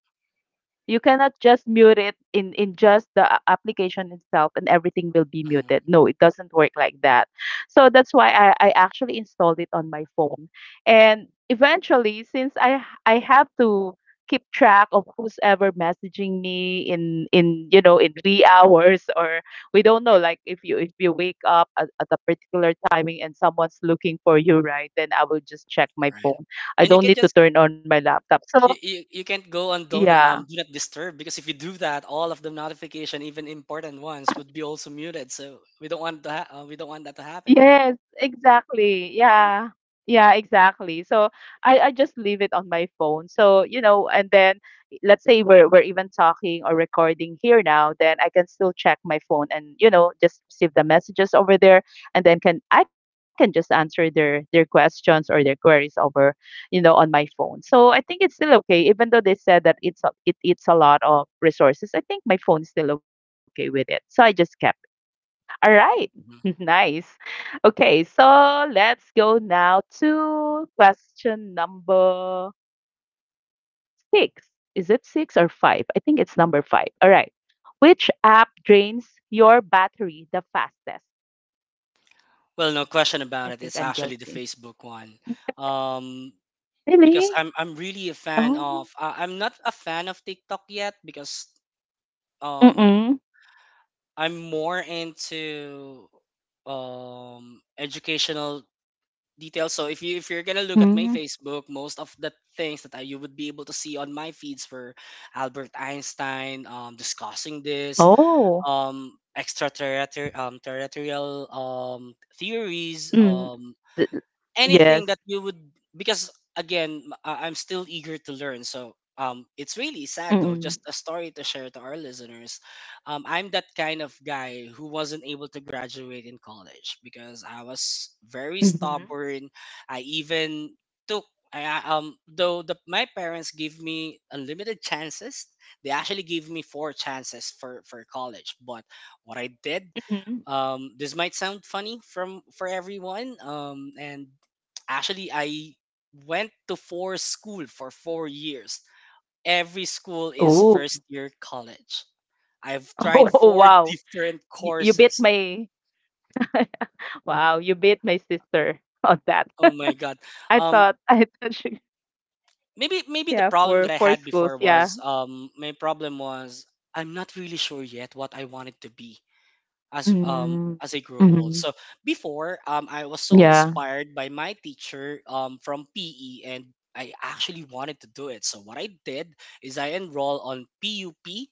S1: You cannot just mute it in just the application itself and everything will be
S2: Hmm.
S1: muted. No, it doesn't work like that. So that's why I actually installed it on my phone. And eventually, since I have to keep track of who's ever messaging me in you know in 3 hours or, we don't know, like if you wake up at, a particular timing and someone's looking for you, right, then I will just check my
S2: Right.
S1: phone. I
S2: And you
S1: don't
S2: can
S1: need to
S2: just,
S1: turn on my laptop. So
S2: you can't go on don't
S1: yeah.
S2: do not disturb, because if you do that, all of the notification, even important ones, would be also muted. So we don't want that. We don't want that to
S1: Yes,
S2: happen, right?
S1: exactly. Yeah. Yeah, exactly. So I just leave it on my phone. So, you know, and then let's say we're even talking or recording here now, then I can still check my phone and, you know, just receive the messages over there, and then can I can just answer their questions or their queries over, you know, on my phone. So I think it's still okay, even though they said that it eats a lot of resources. I think my phone is still okay with it. So I just kept it. All right.
S2: Mhm.
S1: Nice. Okay, so let's go now to question number six. Is it six or five? I think it's number five. All right. Which app drains your battery the fastest?
S2: Well, no question
S1: I
S2: about it.
S1: think
S2: It's
S1: I'm
S2: actually the
S1: guilty.
S2: Facebook one, um, because
S1: Really?
S2: I'm really a fan
S1: Oh.
S2: of. I'm not a fan of TikTok yet, because um
S1: Mm-mm.
S2: I'm more into educational details. So if you if you're gonna look at my
S1: Mm.
S2: Facebook, most of the things that you would be able to see on my feeds were Albert Einstein discussing this
S1: Oh.
S2: extraterrestrial terrestrial theories,
S1: Mm. Th- th- Yes.
S2: anything that you would. Because again, I'm still eager to learn, so it's really sad though.
S1: Mm-mm.
S2: Just a story to share to our listeners, I'm that kind of guy who wasn't able to graduate in college because I was very
S1: Mm-hmm.
S2: stubborn. I even took my parents gave me unlimited chances. They actually gave me four chances for college, but what I did,
S1: Mm-hmm.
S2: this might sound funny from for everyone. And actually, I went to four school for 4 years. Every school is
S1: Oh.
S2: first year college. I've tried
S1: Oh,
S2: four
S1: wow.
S2: different
S1: You bit
S2: courses.
S1: my Wow, you beat my sister on that.
S2: Oh my god.
S1: I
S2: Um
S1: thought I thought she yeah,
S2: maybe the
S1: for
S2: problem that I
S1: schools,
S2: had
S1: yeah.
S2: before was, my problem was, I'm not really sure yet what I wanted to be,
S1: Mm-hmm.
S2: as I grew old.
S1: Mm-hmm.
S2: So before, I was so
S1: Yeah.
S2: inspired by my teacher from PE, and I actually wanted to do it. So what I did is I enrolled on PUP,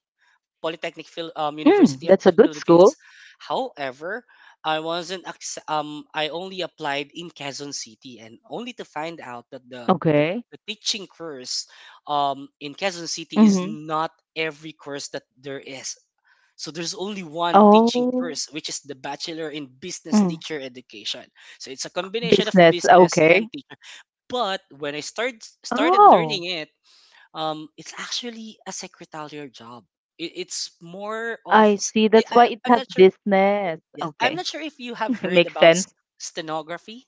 S1: Mm,
S2: University of
S1: that's a
S2: the
S1: good
S2: Philippines.
S1: school.
S2: However, I wasn't acce- I only applied in Quezon City, and only to find out that
S1: Okay.
S2: the teaching course in Quezon City is
S1: Mm-hmm.
S2: not every course that there is. So there's only one teaching
S1: Oh,
S2: course, which is the Bachelor in Business
S1: mm.
S2: Teacher Education. So it's a combination of
S1: Business,
S2: business and
S1: okay.
S2: teacher. But when I started
S1: Oh,
S2: learning it, it's actually a secretarial job. It's more of
S1: I see. That's why it
S2: I'm
S1: has
S2: not sure.
S1: business.
S2: Yes, I'm
S1: Okay.
S2: not sure if you have heard
S1: Makes
S2: about
S1: sense.
S2: stenography.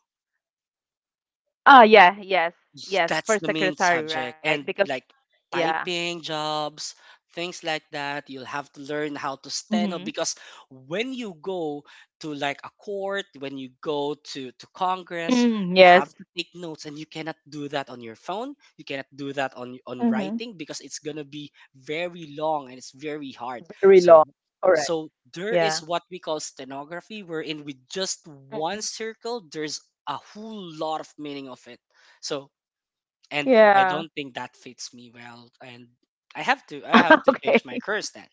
S1: Oh yeah, yes,
S2: Yes,
S1: yes.
S2: that's
S1: For
S2: the main
S1: secretary, right?
S2: subject.
S1: Because
S2: And like
S1: yeah.
S2: typing jobs, things like that, you'll have to learn how to stand
S1: Mm-hmm.
S2: up, because when you go to like a court, when you go to Congress,
S1: Mm,
S2: you
S1: yes.
S2: have to take notes and you cannot do that on your phone. You cannot do that on
S1: Mm-hmm.
S2: writing because it's gonna be very long and it's very hard.
S1: Very
S2: So
S1: long. Correct.
S2: there
S1: Yeah.
S2: is what we call stenography, wherein with just one circle, there's a whole lot of meaning of it. So, and I
S1: Yeah.
S2: don't think that fits me well, and I have to change
S1: Okay.
S2: my course then.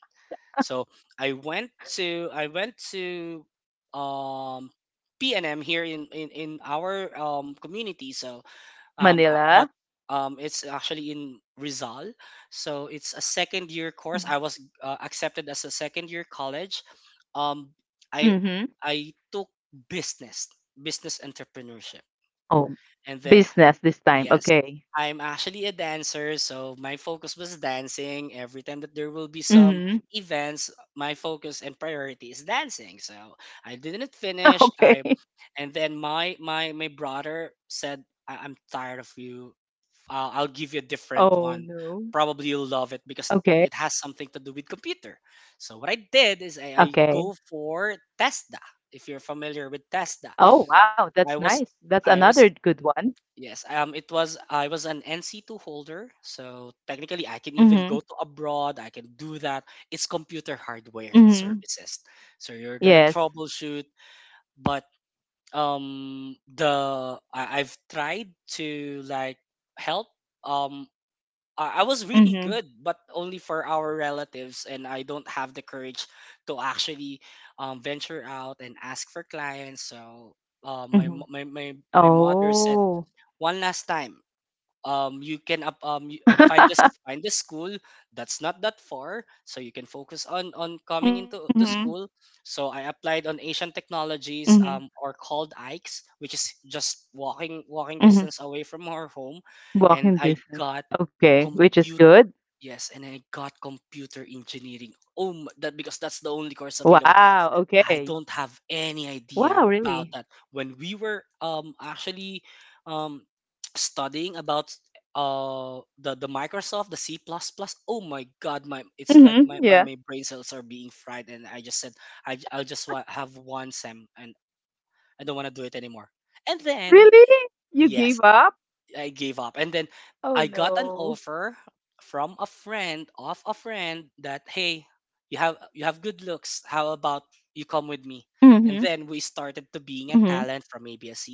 S2: So I went I went to um P and M here in our community. So
S1: Manila?
S2: but it's actually in Rizal. So it's a second year course.
S1: Mhm.
S2: I was accepted as a second year college. Um I
S1: Mhm.
S2: I took business, business entrepreneurship.
S1: Oh,
S2: And then,
S1: business this time,
S2: yes,
S1: okay.
S2: I'm actually a dancer, so my focus was dancing. Every time that there will be some
S1: Mhm.
S2: events, my focus and priority is dancing. So I didn't finish. I,
S1: Okay.
S2: and then my brother said, I- "I'm tired of you. I'll give you a different
S1: Oh,
S2: one.
S1: no.
S2: Probably you'll love it because it
S1: Okay,
S2: has something to do with computer." So what I did is I
S1: okay.
S2: go for Tesla. If you're familiar with Tesla,
S1: Oh, wow, that's
S2: I
S1: nice.
S2: was
S1: That's
S2: I
S1: another
S2: was.
S1: good one.
S2: Yes, it was I was an NC2 holder, so technically I can even go
S1: Mhm.
S2: to abroad. I can do that. It's computer hardware and
S1: Mhm.
S2: services, so you're gonna
S1: Yes.
S2: troubleshoot. But I've tried to like help. Um, I was really
S1: Mhm.
S2: good, but only for our relatives, and I don't have the courage to actually venture out and ask for clients. So my
S1: Mhm.
S2: mo- my mother said,
S1: Oh.
S2: one last time, you can up y- find this find the school that's not that far, so you can focus on coming into
S1: Mhm.
S2: to school. So I applied on asian technologies,
S1: Mhm.
S2: or called ikes, which is just walking
S1: Mhm.
S2: distance away from our home. And
S1: Walking
S2: I
S1: distance.
S2: got
S1: Okay, which is
S2: compute
S1: good.
S2: yes, and I got computer engineering. Oh my, that because that's the only course available.
S1: Wow,
S2: I
S1: okay.
S2: don't have any idea
S1: Wow,
S2: about
S1: really?
S2: that. When we were actually um studying about the Microsoft, the C plus plus, oh my god, my it's like
S1: Mhm. Yeah.
S2: my brain cells are being fried, and I just said I'll just want have one sem and I don't want to do it anymore. And then,
S1: Really? You gave
S2: yes,
S1: up?
S2: I gave up. And then
S1: Oh,
S2: I got an
S1: no.
S2: offer from a friend of a friend that, hey, you have good looks. How about you come with me? And
S1: Mhm,
S2: then we started to being a
S1: mhm.
S2: talent from abs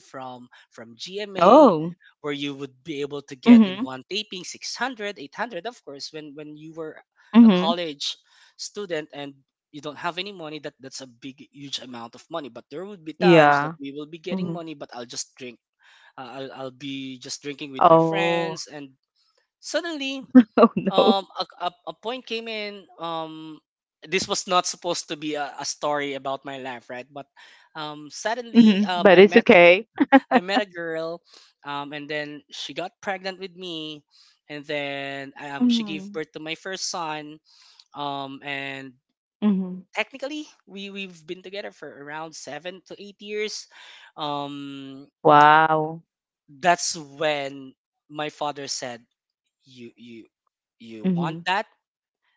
S2: from GMA,
S1: Oh.
S2: where you would be able to get in
S1: Mhm,
S2: one taping 600, 800. Of course, when you were a
S1: mhm.
S2: college student and you don't have any money, that's a big huge amount of money. But there would be times that
S1: Yeah.
S2: we will be getting
S1: Mhm.
S2: money, but I'll just I'll be just drinking with my
S1: Oh.
S2: friends. And suddenly,
S1: Oh, no.
S2: a point came in. This was not supposed to be a story about my life, right? But suddenly,
S1: Mhm, but
S2: I
S1: it's
S2: met
S1: okay.
S2: I met a girl, and then she got pregnant with me, and then she gave
S1: Mhm,
S2: birth to my first son. And
S1: mhm.
S2: technically, we've been together for around 7 to 8 years. Um,
S1: Wow.
S2: that's when my father said, you you want
S1: Mhm.
S2: that,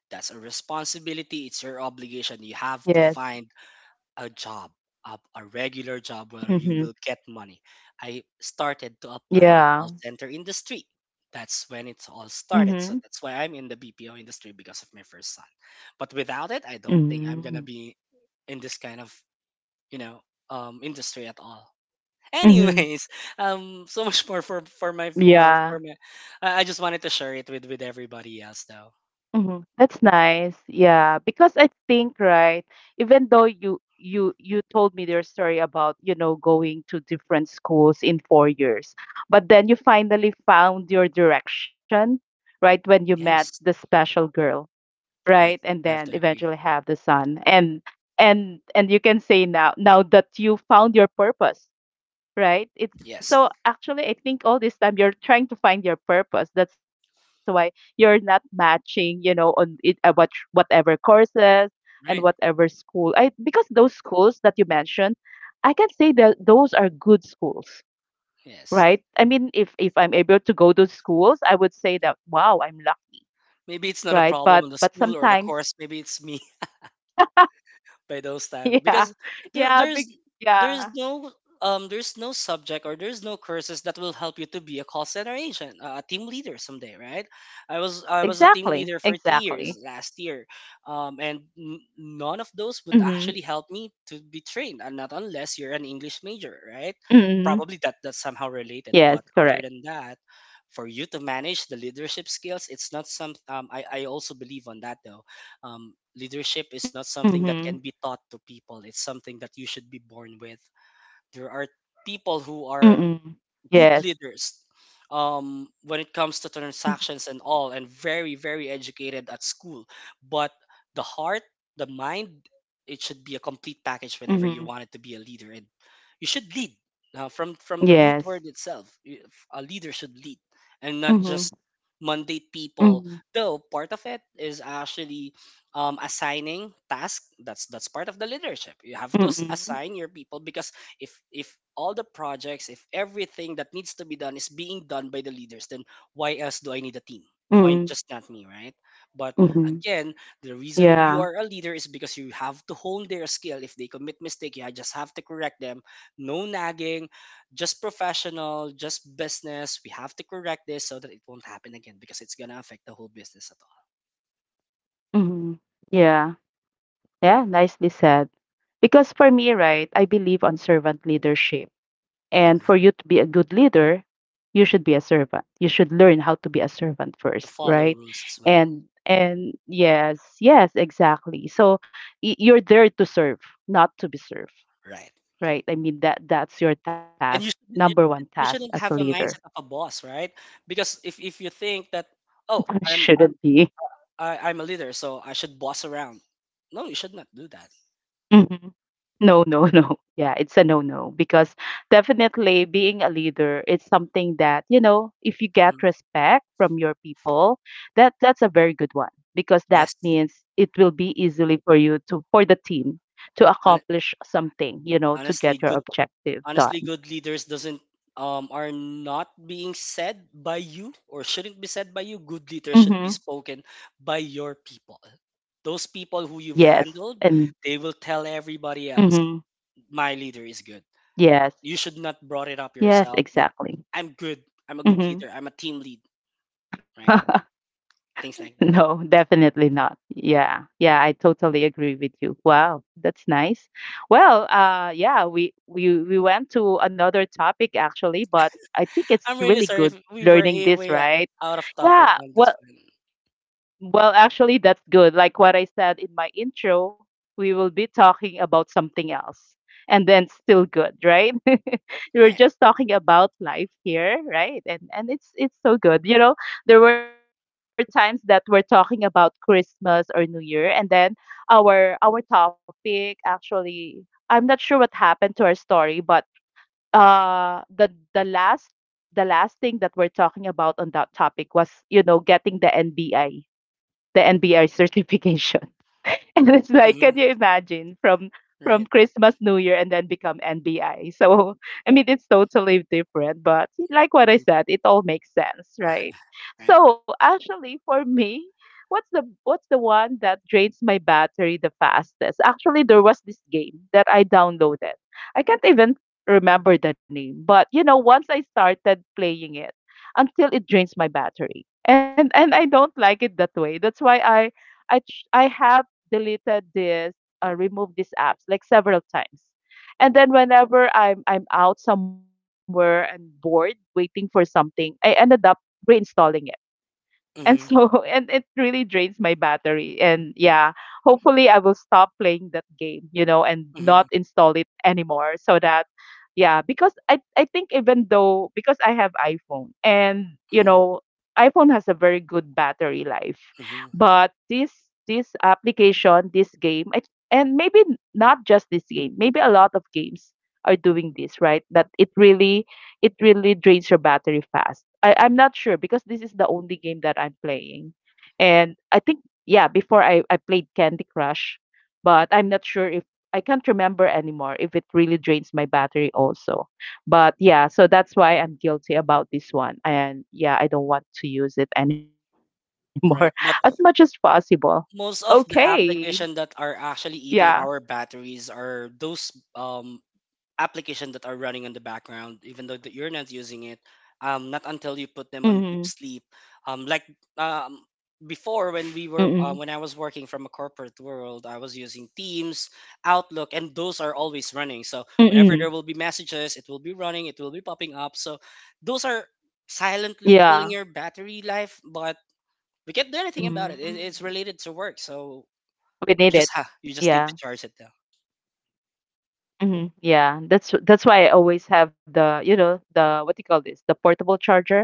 S2: that's a responsibility, it's your obligation, you have to
S1: Yes.
S2: find a job, a regular job where you
S1: Mhm.
S2: will get money. I started to apply on a
S1: Yeah.
S2: call center industry. That's when it all started. So
S1: Mhm.
S2: that's why I'm in the BPO industry because of my first son. But without it, I don't think I'm gonna
S1: Mm.
S2: be in this kind of, you know industry at all.
S1: Mhm.
S2: Anyways, so much more for for my uh
S1: Yeah.
S2: for my, I just wanted to share it with everybody else though.
S1: Mhm. That's nice. Yeah, because I think, right, even though you told me your story about, you know, going to different schools in 4 years, but then you finally found your direction, right, when you met the
S2: Yes,
S1: special girl, right?
S2: right.
S1: And
S2: I have
S1: then
S2: to agree.
S1: eventually have the son. And and you can say now, that you found your purpose, right? It's
S2: Yes,
S1: so, actually I think all this time you're trying to find your purpose. That's why you're not matching, you know, on it about whatever courses and whatever
S2: right.
S1: school. I, because those schools that you mentioned, I can say that those are good schools, right?
S2: Yes.
S1: I mean, if I'm able to go to schools, I would say that wow, I'm lucky,
S2: Maybe it's not a
S1: right?
S2: problem
S1: But
S2: in the school or the
S1: sometimes,
S2: course. Maybe it's me. By those time,
S1: yeah,
S2: because there
S1: yeah,
S2: there's
S1: big,
S2: there's
S1: yeah,
S2: no there's no subject, or there's no courses that will help you to be a call center agent, a team leader someday, right? I was a team
S1: exactly,
S2: leader for three
S1: exactly.
S2: years last year, and none of those
S1: Mm-hmm.
S2: would actually help me to be trained, and not unless you're an English major, right?
S1: Mm-hmm.
S2: Probably that's somehow related,
S1: Yes,
S2: but
S1: correct.
S2: other than that, for you to manage the leadership skills, it's not some. I also believe on that though. Leadership is not something that
S1: Mm-hmm.
S2: can be taught to people, it's something that you should be born with. There are people who are
S1: Mm.
S2: good
S1: Yes.
S2: leaders when it comes to transactions
S1: M
S2: and all, and very, very educated at school. But the heart, the mind, it should be a complete package whenever you want it to be a
S1: mhm.
S2: leader. And you should lead from the root
S1: Yes.
S2: word itself. A leader should lead and not just
S1: Mhm,
S2: mandate people,
S1: mhm,
S2: though part of it is actually assigning tasks. That's part of the leadership. You have to
S1: mm,
S2: assign your people, because if all the projects, if everything that needs to be done is being done by the leaders, then why else do I need a team? Why
S1: mm,
S2: just not me, right? But
S1: mhm.
S2: again, the reason you
S1: Yeah.
S2: are a leader is because you have to hone their skill. If they commit mistake, you just have to correct them. No nagging, just professional, just business. We have to correct this so that it won't happen again, because it's going to affect the whole business at all.
S1: Mhm. Yeah. Yeah, nicely said. Because for me, right, I believe on servant leadership. And
S2: Agree.
S1: for you to be a good leader, you should be a servant. You should learn how to be a servant
S2: To
S1: first,
S2: follow
S1: right?
S2: rules as well,
S1: And yes, yes, exactly. So you're there to serve, not to be served.
S2: right?
S1: Right, I mean, that that's your task,
S2: And you
S1: number
S2: shouldn't, you
S1: 1
S2: shouldn't
S1: task
S2: you
S1: as a
S2: shouldn't have a
S1: leader.
S2: mindset of a boss, right? Because if you think that, oh,
S1: Shouldn't
S2: i'm i'm
S1: be.
S2: I, i'm a leader, so I should boss around. No, you should not do that.
S1: Mhm. No, no, no. Yeah, it's a no-no, because definitely being a leader is something that, you know, if you get
S2: Mhm.
S1: respect from your people, that that's a very good one, because that
S2: Yes.
S1: means it will be easily for you, to for the team to
S2: Hon-
S1: accomplish something, you know, to
S2: honestly
S1: get your
S2: good
S1: objective
S2: honestly,
S1: done.
S2: good leaders doesn't, are not being said by you, or shouldn't be said by you. Good leaders should be
S1: Mhm.
S2: spoken by your people, those people who you've
S1: Yes,
S2: handled.
S1: and
S2: They will tell everybody else,
S1: mhm.
S2: my leader is good. But
S1: Yes.
S2: you should not brought it up
S1: Yes,
S2: yourself that
S1: exactly.
S2: I'm good, I'm a good leader,
S1: Mhm.
S2: I'm a team lead, right? Things like that.
S1: No, definitely not. Yeah. Yeah, I totally agree with you. Wow, that's nice. Well, yeah, we went to another topic actually, but I think it's
S2: I'm really
S1: really
S2: sorry
S1: good
S2: if we were
S1: learning
S2: a
S1: this,
S2: way
S1: right?
S2: out of topic
S1: Yeah.
S2: on
S1: Well,
S2: this one.
S1: actually, that's good. Like what I said in my intro, we will be talking about something else and then still good, right?
S2: Right.
S1: We're just talking about life here, right? And it's so good. You know, there were times that we're talking about Christmas or New Year, and then our topic, actually I'm not sure what happened to our story, but uh the the last, thing that we're talking about on that topic was, you know, getting the NBI, the NBI certification. And it's like,
S2: Mm-hmm.
S1: can you imagine, from
S2: Right.
S1: Christmas, New Year, and then become NBI? So, I mean, it's totally different, but like what I
S2: Agreed.
S1: said, it all makes sense, right?
S2: Right.
S1: So, actually, for me, what's the one that drains my battery the fastest? Actually, there was this game that I downloaded. I can't even remember the name, but you know, once I started playing it, until it drains my battery. And I don't like it that way. That's why I have deleted this, removed these apps like several times. And then whenever I'm out somewhere and bored waiting for something, I ended up reinstalling it and so
S2: Mm-hmm.
S1: and it really drains my battery, and yeah, hopefully I will stop playing that game and not
S2: Mm-hmm.
S1: install it anymore so that yeah, because I think, even though, because I have iPhone and
S2: Mm-hmm.
S1: iPhone has a very good battery life.
S2: Mm-hmm.
S1: But this application, this game I, and maybe not just this game, maybe a lot of games are doing this, right? That it really, it really drains your battery fast. I'm not sure because this is the only game that I'm playing. And I think, yeah, before I played Candy Crush, but I'm not sure if I can't remember anymore if it really drains my battery also. But yeah, so that's why I'm guilty about this one. And yeah, I don't want to use it anymore as much as
S2: Right. But
S1: possible.
S2: most
S1: Okay.
S2: of the application that are
S1: Yeah.
S2: actually eating our batteries are those application that are running in the background, even though that you're not using it. Not
S1: Mm-hmm.
S2: until you put them on deep sleep. Like, um, before
S1: Mm-mm.
S2: when we were when I was working from a corporate world, I was using Teams, Outlook, and those are always running. So
S1: Mm-mm.
S2: whenever there will be messages, it will be running, it will be popping up. So those are silently killing
S1: Yeah.
S2: your battery life, but we can't do anything about it. It's
S1: mm
S2: related to work, so
S1: We need it.
S2: you just need
S1: Yeah.
S2: to charge it though.
S1: Yeah, that's why I always have the, the what do you call this? The portable charger.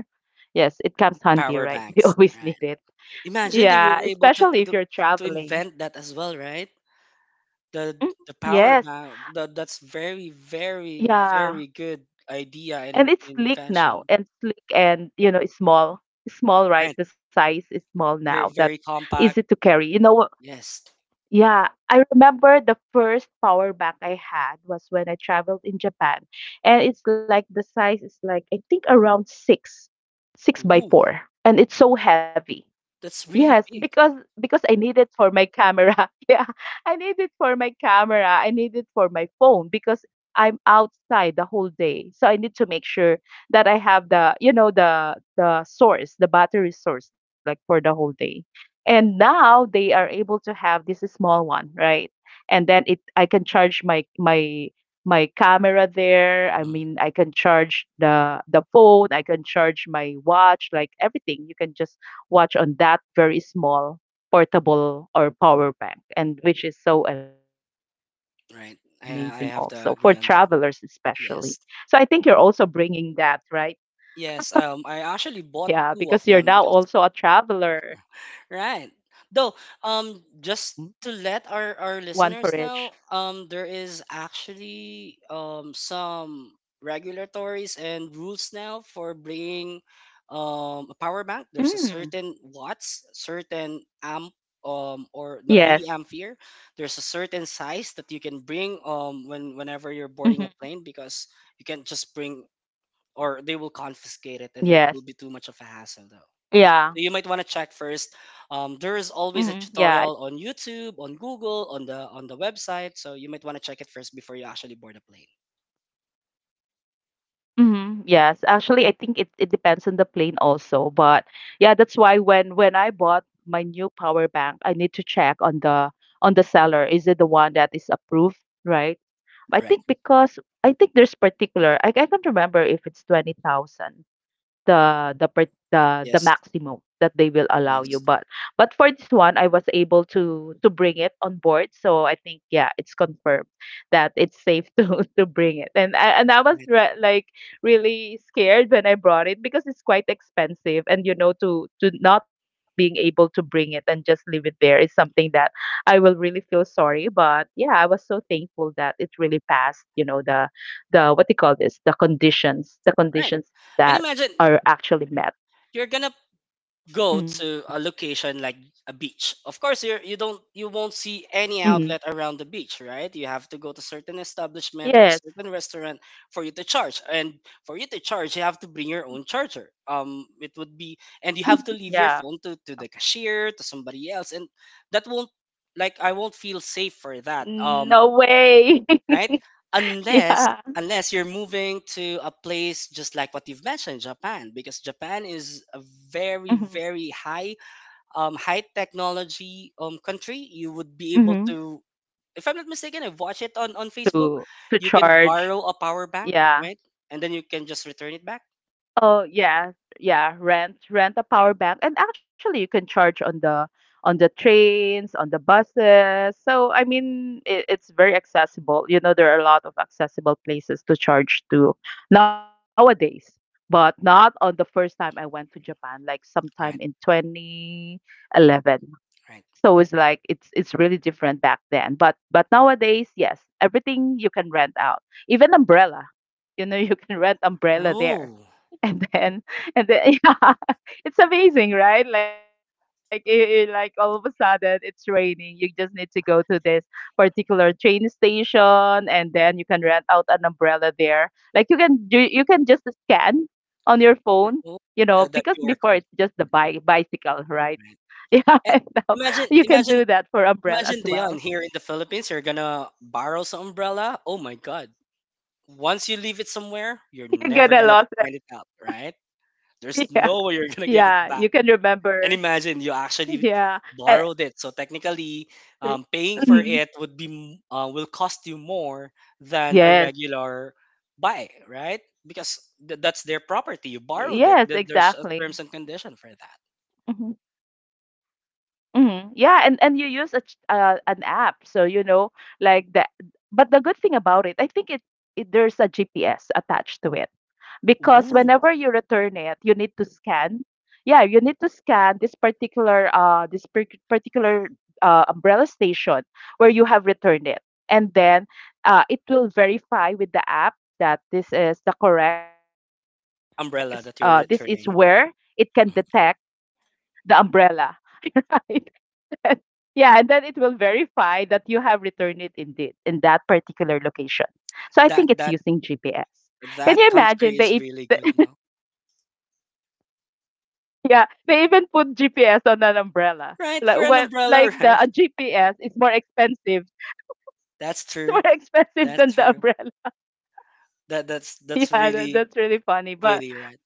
S1: Yes, it comes
S2: The
S1: handy,
S2: power
S1: right? We
S2: banks,
S1: always
S2: right?
S1: need it.
S2: Imagine they
S1: Yeah,
S2: were able
S1: especially if you're
S2: to
S1: traveling.
S2: invent that as well, right? The
S1: Mhm.
S2: the power
S1: Yes.
S2: bank. That's very, very,
S1: Yeah.
S2: very good idea and
S1: And it's sleek now,
S2: invention,
S1: and sleek and, you know, it's small. It's small, right?
S2: right?
S1: The size is small now.
S2: Very,
S1: That
S2: very
S1: easy to
S2: compact.
S1: carry. You know,
S2: Yes.
S1: yeah, I remember the first power bank I had was when I traveled in Japan, and it's like the size is like, I think, around six, six by
S2: Ooh,
S1: four, and it's so heavy.
S2: that's
S1: Yes,
S2: really big.
S1: because I need it for my camera. Yeah, I need it for my camera. I need it for my phone because I'm outside the whole day. So I need to make sure that I have the, you know, the source, the battery source, like for the whole day. And now they are able to have this small one, right? And then it, I can charge my my camera there. I
S2: Mhm.
S1: mean, I can charge the phone, I can charge my watch, like everything. You can just watch on that very small portable or power bank, and which is so amazing also for
S2: Right.
S1: travelers,
S2: I I have
S1: especially.
S2: to agree on
S1: So I
S2: that one.
S1: think you're also
S2: Yes.
S1: bringing that, right?
S2: Yes.
S1: Yeah, because
S2: I
S1: you're now
S2: actually bought
S1: also a
S2: two of them, because.
S1: traveler.
S2: Right. Though,
S1: Mm,
S2: just to
S1: one
S2: let
S1: for
S2: our
S1: each.
S2: listeners know, there is actually some regulatories and rules now for bringing a power bank. There's a
S1: Mm.
S2: certain watts, certain amp, or the
S1: Yes.
S2: milliampere. There's a certain size that you can bring whenever you're boarding a
S1: hmm
S2: plane, because you can't just bring, or they will confiscate it and it
S1: yes.
S2: will be too much of a hassle,
S1: Yeah.
S2: so you might want to check first.
S1: Yeah.
S2: There is always a tutorial on YouTube, on Google, on the website. So you might want to check it first before you actually board a plane.
S1: Mhm, yes. Actually, I think it, it depends on the plane also, but yeah, that's why when I bought my new power bank, I need to check on the seller. Is it the one that is approved, right? I
S2: Right.
S1: think because I think there's particular. I can't remember if it's 20,000, the per, the
S2: Yes.
S1: maximum that they will allow you.
S2: Yes.
S1: But for this one, I was able to bring it on board. So I think yeah, it's confirmed that it's safe to bring it. And I, and I was
S2: Right.
S1: re like really scared when I brought it because it's quite expensive. And you know, to not being able to bring it and just leave it there is something that I will really feel sorry. But yeah, I was so thankful that it really passed. You know, the what do you call this? The
S2: Right.
S1: conditions
S2: And
S1: that
S2: imagine
S1: are actually met.
S2: you're gonna go
S1: Mm,
S2: to a location like a beach. Of course you're, you won't see any
S1: mhm.
S2: outlet around the beach, right? You have to go to certain establishment or a
S1: Yes.
S2: certain restaurant for you to charge. And for you to charge, you have to bring your own charger, it would be. And you have to
S1: Mhm.
S2: leave your phone
S1: Yeah.
S2: to, the cashier, to somebody else, and that won't, like, I won't feel safe for that,
S1: No way.
S2: right, unless
S1: Yeah.
S2: unless you're moving to a place just like what you've mentioned, Japan, because Japan is a very,
S1: Mhm,
S2: very high, high technology country. You would be able
S1: mhm.
S2: to, if I'm not mistaken, I watch it on, Facebook.
S1: To
S2: You can
S1: charge.
S2: borrow a power bank,
S1: Yeah.
S2: right? And then you can just return it back.
S1: Oh, yeah. Yeah, rent, rent a power bank, and actually you can charge on the trains, on the buses. So, I mean, it, it's very accessible. You know, there are a lot of accessible places to charge to nowadays, but not on the first time I went to Japan, like
S2: Right,
S1: sometime in 2011.
S2: right.
S1: So it's like it's really different back then. But nowadays, yes, everything you can rent out. Even umbrella. You know, you can rent umbrella
S2: Oh,
S1: there. And then, and then yeah, it's amazing, right? Like it, like all of a sudden it's raining. You just need to go to this particular train station, and then you can rent out an umbrella there. Like you can you can just scan on your phone,
S2: oh
S1: you
S2: the, the
S1: know, because
S2: QR code.
S1: before it's just the bi bicycle, right?
S2: Right.
S1: Yeah,
S2: Eh,
S1: I know.
S2: Imagine,
S1: You can
S2: imagine,
S1: do that for umbrella
S2: imagine,
S1: as
S2: Dion,
S1: well.
S2: here in the Philippines, you're gonna borrow some umbrella. Oh my God. Once you leave it somewhere, you're
S1: You're
S2: never
S1: gonna
S2: gonna
S1: lose it.
S2: find it out, right? There's
S1: Yeah,
S2: no way you're gonna get it
S1: yeah.
S2: back.
S1: You can
S2: And
S1: remember.
S2: imagine you actually
S1: Yeah. Uh,
S2: borrowed it. So technically, paying for
S1: mhm.
S2: it would be will cost you more
S1: Yes.
S2: than a regular buy, right? Because that's their property. You
S1: Yes,
S2: borrowed it. There's
S1: exactly.
S2: a terms and condition for that.
S1: hmm Yeah, and you use a an app, so you know, like that. But the good thing about it, I think it, it there's a GPS attached to it, because
S2: Ooh,
S1: whenever you return it, you need to scan. Yeah, you need to scan this particular this particular umbrella station where you have returned it, and then it will verify with the app that this is the correct. This is
S2: umbrella that you're
S1: where it
S2: returning.
S1: can detect the umbrella. Right? Yeah, and then it will verify that you have returned it indeed in that particular location. So I think it's
S2: That
S1: using
S2: that
S1: GPS. Can you
S2: that
S1: imagine the
S2: country is really good now,
S1: yeah, they even put GPS on an umbrella.
S2: right?
S1: Like
S2: For an
S1: when, like
S2: umbrella,
S1: the
S2: right?
S1: a GPS is more expensive.
S2: That's
S1: It's
S2: true.
S1: more expensive than
S2: That's
S1: the
S2: true.
S1: umbrella.
S2: That's
S1: Yeah,
S2: really
S1: that, that's really funny.
S2: witty,
S1: But
S2: right?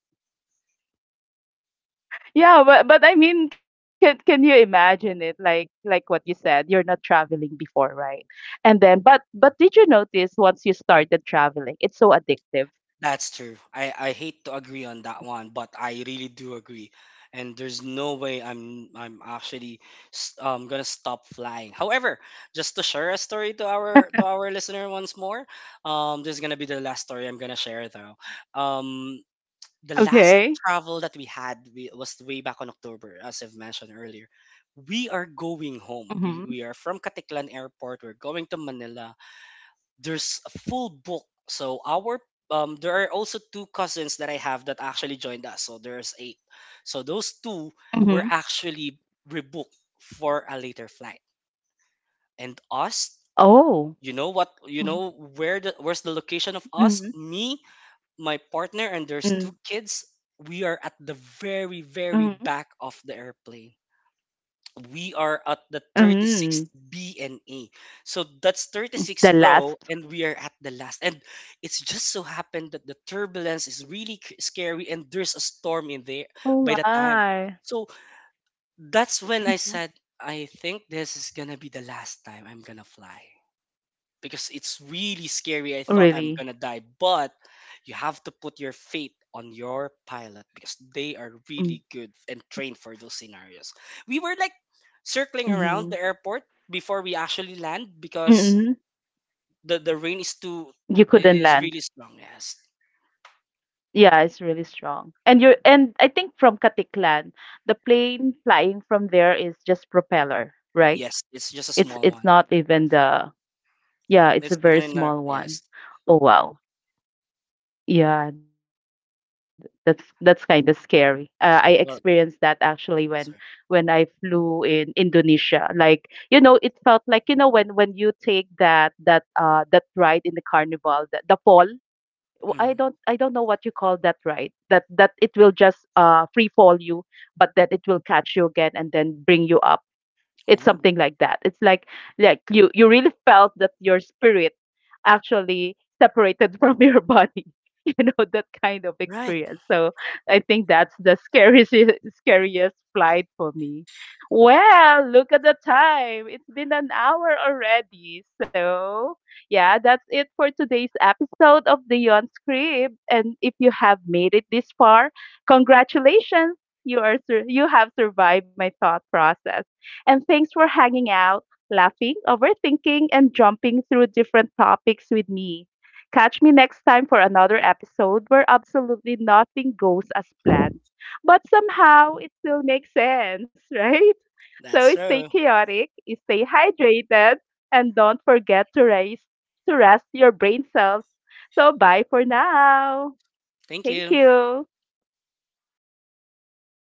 S1: yeah, but I mean, can you imagine it? Like what you said, you're not traveling before, right? And then, but did you notice once you started traveling, it's so addictive.
S2: That's true. I hate to agree on that one, but I really do agree. And there's no way I'm actually gonna stop flying. However, just to share a story to our listener once more, this is gonna be the last story I'm gonna share though. Um, the last
S1: Okay.
S2: travel that we had, was way back on October, as I've mentioned earlier. We are going
S1: Mm-hmm.
S2: home. We are from Katiklan Airport. We're going to Manila. There's a full book. So our, there are also two cousins that I have that actually joined us. So there's eight. So those two were
S1: Mm-hmm.
S2: actually rebooked for a later flight. And us,
S1: Oh.
S2: you know what,
S1: Mm-hmm.
S2: where's the location of us? Me, my partner, and there's
S1: Mm-hmm.
S2: two kids. We are at the very, very back of the airplane. We are at the
S1: Mm-hmm.
S2: 36th B and A. So that's 36
S1: The
S2: row
S1: last.
S2: and we are at the last. And it's just so happened that the turbulence is really scary, and there's a storm in there
S1: Oh
S2: by the time.
S1: my.
S2: So that's when I
S1: Mm-hmm.
S2: said, I think this is going to be the last time I'm going to fly because it's really scary. I thought I'm
S1: Really?
S2: gonna die, but you have to put your faith on your pilot because they are
S1: Mm,
S2: really good and trained for those scenarios. We were like circling
S1: mhm,
S2: around the airport before we actually land, because
S1: mm.
S2: the rain is
S1: You couldn't land.
S2: really strong. Yes,
S1: Yeah, it's really strong. And you're, and I think from Katiklan, the plane flying from there is just propeller, right?
S2: yes, it's just a small
S1: It's
S2: one.
S1: not even the yeah, it's
S2: It's
S1: a
S2: not
S1: very
S2: in a,
S1: small one.
S2: yes.
S1: Oh wow. Yeah, that's kind of scary. I experienced that
S2: Well,
S1: actually when I
S2: sorry.
S1: flew in Indonesia. Like, you know, it felt like, you know, when you take that that that ride in the carnival, the fall. I don't, I
S2: Mhm.
S1: don't know what you call that, right, that that it will just free fall you, but then it will catch you again and then bring you up. It's something
S2: Ooh,
S1: like that. It's like you, you really felt that your spirit actually separated from your body. You know, that kind of
S2: right.
S1: experience. So I think that's the scariest scariest flight for me. Well, look at the time. It's been an hour already. So yeah, that's it for today's episode of the Yon Script. And if you have made it this far, congratulations, you are you have survived my thought process, and thanks for hanging out, laughing, overthinking, and jumping through different topics with me. Catch me next time for another episode where absolutely nothing goes as planned, but somehow it still makes sense, right?
S2: That's
S1: So stay
S2: so.
S1: chaotic, stay hydrated, and don't forget to raise to rest your brain cells. So bye for now.
S2: Thank
S1: Thank
S2: you.
S1: you.